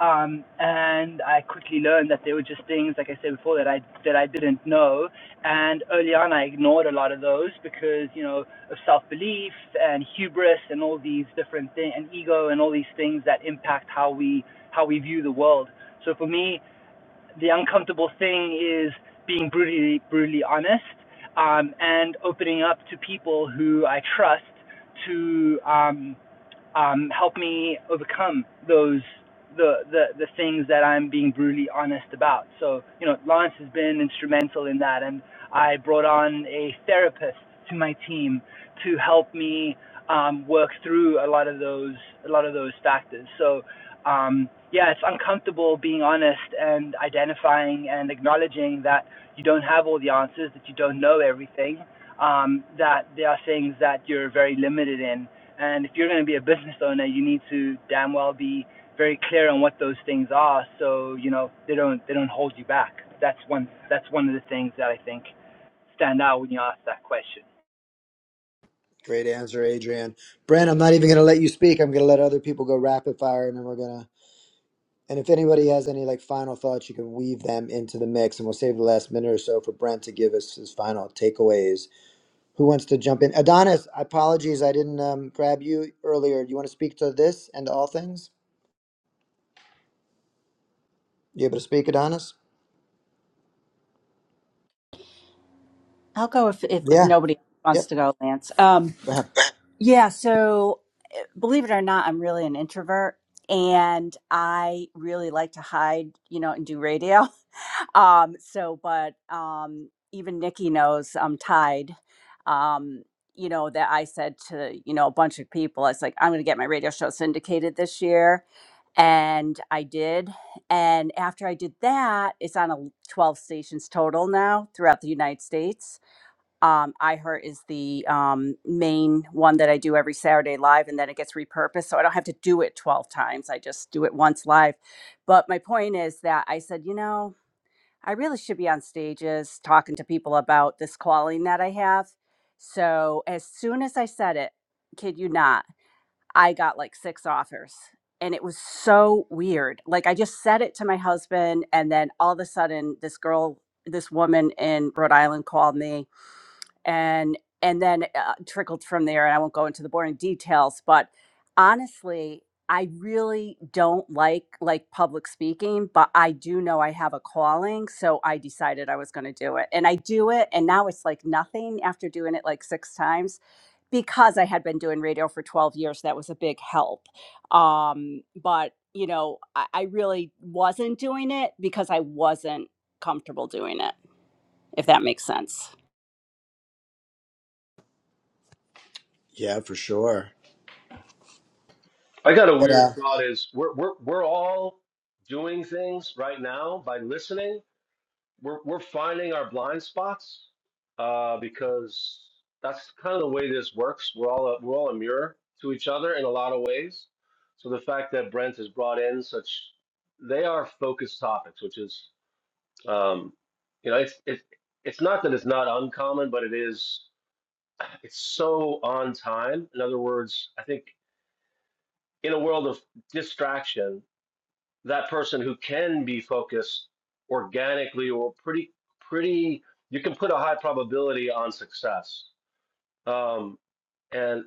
S13: um, and I quickly learned that there were just things like I said before that I that I didn't know, and early on, I ignored a lot of those because, you know, of self belief and hubris and all these different things, and ego and all these things that impact how we how we view the world. So for me, the uncomfortable thing is being brutally brutally honest um, and opening up to people who I trust to um, um, help me overcome those the, the the things that I'm being brutally honest about. So you know, Lawrence has been instrumental in that, and I brought on a therapist to my team to help me um, work through a lot of those a lot of those factors. So um, yeah, it's uncomfortable being honest and identifying and acknowledging that you don't have all the answers, that you don't know everything, um, that there are things that you're very limited in and if you're going to be a business owner, you need to damn well be very clear on what those things are, so you know they don't they don't hold you back. That's one that's one of the things that I think stand out when you ask that question.
S2: Great answer, Adrian. Brent, I'm not even going to let you speak. I'm going to let other people go rapid fire, and then we're gonna. And if anybody has any like final thoughts, you can weave them into the mix, and we'll save the last minute or so for Brent to give us his final takeaways. Who wants to jump in? Adonis, apologies, I didn't um, grab you earlier. Do you want to speak to this and to all things? You able to speak, Adonis?
S6: I'll go if, if, if
S2: Yeah.
S6: nobody
S2: Yep.
S6: wants to go, Lance. Um,
S2: Go ahead.
S6: Yeah, so eh, believe it or not, I'm really an introvert and I really like to hide, you know, and do radio. Um, so but um even Nikki knows I'm tied. Um, you know, that I said to, you know, a bunch of people, it's like, I'm gonna get my radio show syndicated this year. And I did. And after I did that, it's on a 12 stations total now throughout the United States um, iHeart is the um, main one that I do every Saturday live, and then it gets repurposed. So I don't have to do it 12 times. I just do it once live. But my point is that I said, you know, I really should be on stages talking to people about this calling that I have. So as soon as I said it, kid you not, I got like six offers. And it was so weird. Like I just said it to my husband, and then all of a sudden, this girl, this woman in Rhode Island called me and and then uh, trickled from there and i won't go into the boring details but honestly i really don't like like public speaking but i do know i have a calling so i decided i was going to do it and i do it and now it's like nothing after doing it like six times because i had been doing radio for 12 years that was a big help um but you know i, I really wasn't doing it because i wasn't comfortable doing it if that makes sense
S2: Yeah, for sure.
S5: I got a
S2: Good,
S5: weird
S2: Al.
S5: thought is we're we're we're all doing things right now by listening. We're we're finding our blind spots uh, because that's kind of the way this works. We're all a, we're all a mirror to each other in a lot of ways. So the fact that Brent has brought in such they are focused topics, which is um, you know it's it's it's not that it's not uncommon, but it is it's so on time. In other words, I think in a world of distraction that person who can be focused organically or pretty pretty you can put a high probability on success um, and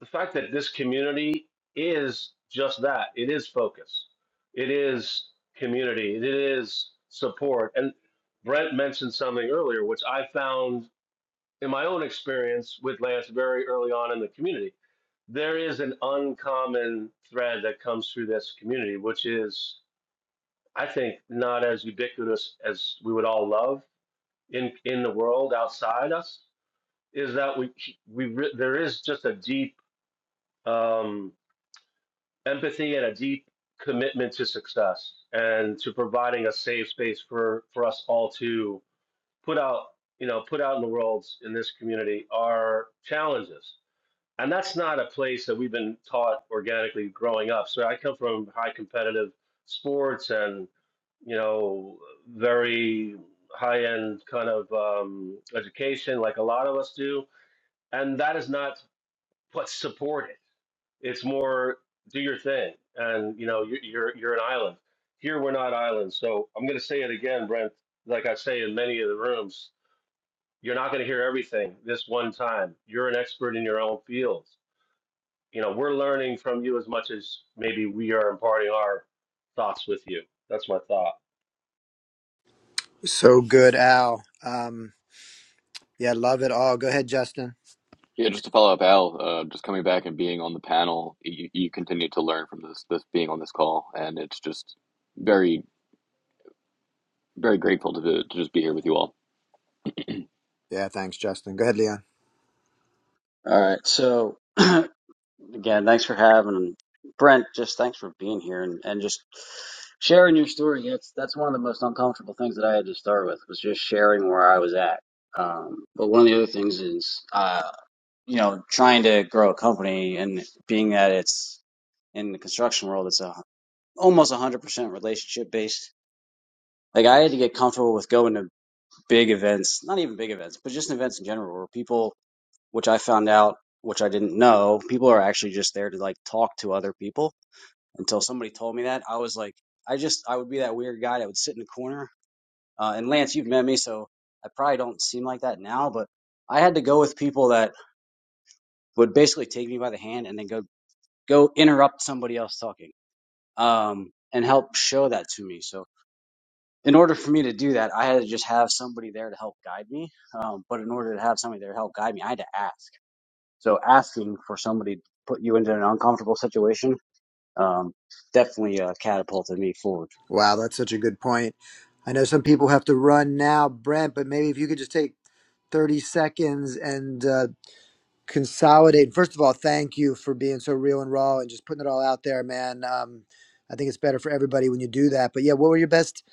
S5: the fact that this community is just that it is focus it is community it is support and brent mentioned something earlier which i found in my own experience with lance very early on in the community there is an uncommon thread that comes through this community which is I think not as ubiquitous as we would all love in in the world outside us is that we we re- there is just a deep um, empathy and a deep commitment to success and to providing a safe space for for us all to put out you know put out in the world in this community our challenges and that's not a place that we've been taught organically growing up. So I come from high competitive sports and you know very high end kind of um, education, like a lot of us do, and that is not what's supported. It's more do your thing, and you know you're you're, you're an island. Here we're not islands, so I'm going to say it again, Brent. Like I say in many of the rooms, you're not going to hear everything this one time. You're an expert in your own field you know, we're learning from you as much as maybe we are imparting our thoughts with you. That's my thought.
S2: So good, Al. Um, yeah, love it all. Go ahead, Justin.
S1: Yeah, just to follow up, Al, uh, just coming back and being on the panel, you, you continue to learn from this, this being on this call, and it's just very, very grateful to, to just be here with you all.
S2: Yeah, thanks, Justin. Go ahead, Leon.
S9: All right, so. Again, thanks for having Brent, just thanks for being here and, and just sharing your story. That's that's one of the most uncomfortable things that I had to start with was just sharing where I was at. Um, but one of the other things is, uh, you know, trying to grow a company and being that it's in the construction world, it's a almost 100% relationship based. Like I had to get comfortable with going to big events, not even big events, but just events in general where people, which I found out, which I didn't know, people are actually just there to like talk to other people until somebody told me that. I was like, I just, I would be that weird guy that would sit in the corner. Uh, and Lance, you've met me, so I probably don't seem like that now, but I had to go with people that would basically take me by the hand and then go, go interrupt somebody else talking, um, and help show that to me. So in order for me to do that, I had to just have somebody there to help guide me. Um, but in order to have somebody there to help guide me, I had to ask. So asking for somebody to put you into an uncomfortable situation, um, definitely uh, catapulted me forward.
S2: Wow, that's such a good point. I know some people have to run now, Brent, but maybe if you could just take 30 seconds and uh, consolidate. First of all, thank you for being so real and raw and just putting it all out there, man. Um, I think it's better for everybody when you do that. But yeah, what were your best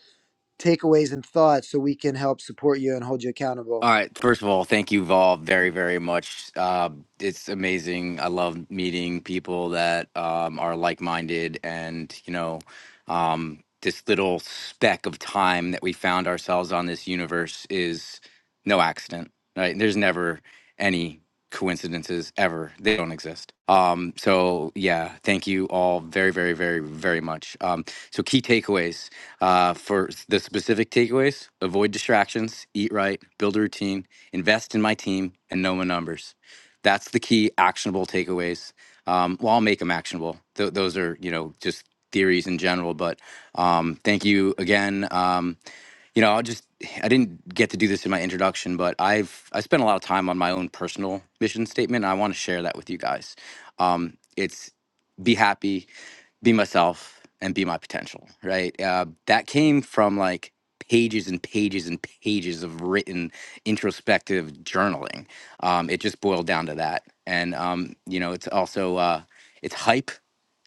S2: takeaways and thoughts so we can help support you and hold you accountable?
S4: All right. First of all, thank you, Vol, very, very much. Uh, it's amazing. I love meeting people that um, are like minded. And, you know, um, this little speck of time that we found ourselves on this universe is no accident, right? There's never any coincidences ever, they don't exist. Um, so, yeah, thank you all very, very, very, very much. Um, so, key takeaways. Uh, for the specific takeaways, avoid distractions, eat right, build a routine, invest in my team, and know my numbers. That's the key actionable takeaways. Um, well, I'll make them actionable. Th- those are, you know, just theories in general. But um, thank you again. Um, you know, I'll just I didn't get to do this in my introduction, but I've I spent a lot of time on my own personal mission statement. And I want to share that with you guys. Um, it's be happy be myself and be my potential right uh, that came from like pages and pages and pages of written introspective journaling um, it just boiled down to that and um, you know it's also uh, it's hype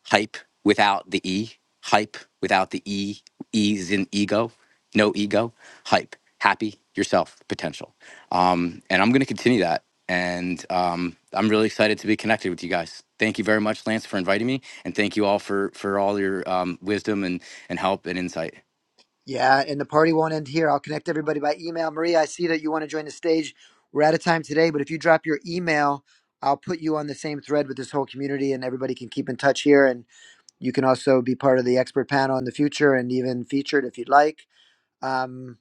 S4: hype without the e hype without the e e is in ego no ego hype happy yourself potential um, and I'm going to continue that. And um, I'm really excited to be connected with you guys. Thank you very much, Lance, for inviting me, and thank you all for for all your um, wisdom and and help and insight.
S2: Yeah, and the party won't end here. I'll connect everybody by email. Maria, I see that you want to join the stage. We're out of time today, but if you drop your email, I'll put you on the same thread with this whole community and everybody can keep in touch here. And you can also be part of the expert panel in the future and even featured if you'd like. Um,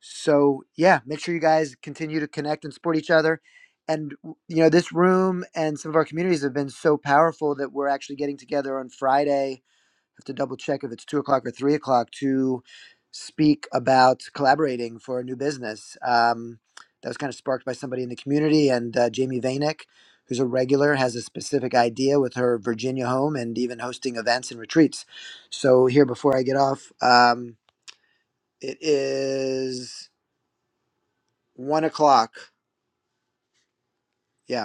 S2: so, yeah, make sure you guys continue to connect and support each other. And, you know, this room and some of our communities have been so powerful that we're actually getting together on Friday have to double check if it's two o'clock or three o'clock to speak about collaborating for a new business. Um, that was kind of sparked by somebody in the community, and uh, Jamie Vanick, who's a regular, has a specific idea with her Virginia home and even hosting events and retreats. So here, before I get off, um, it is one o'clock. Yeah,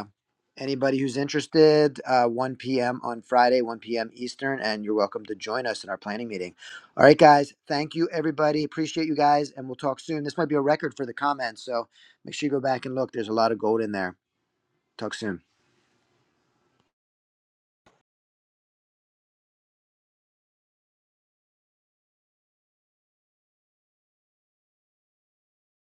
S2: Anybody who's interested, uh, 1 p.m. on Friday, 1 p.m. Eastern, and you're welcome to join us in our planning meeting. All right, guys. Thank you, everybody. Appreciate you guys, and we'll talk soon. This might be a record for the comments, so make sure you go back and look. There's a lot of gold in there. Talk soon.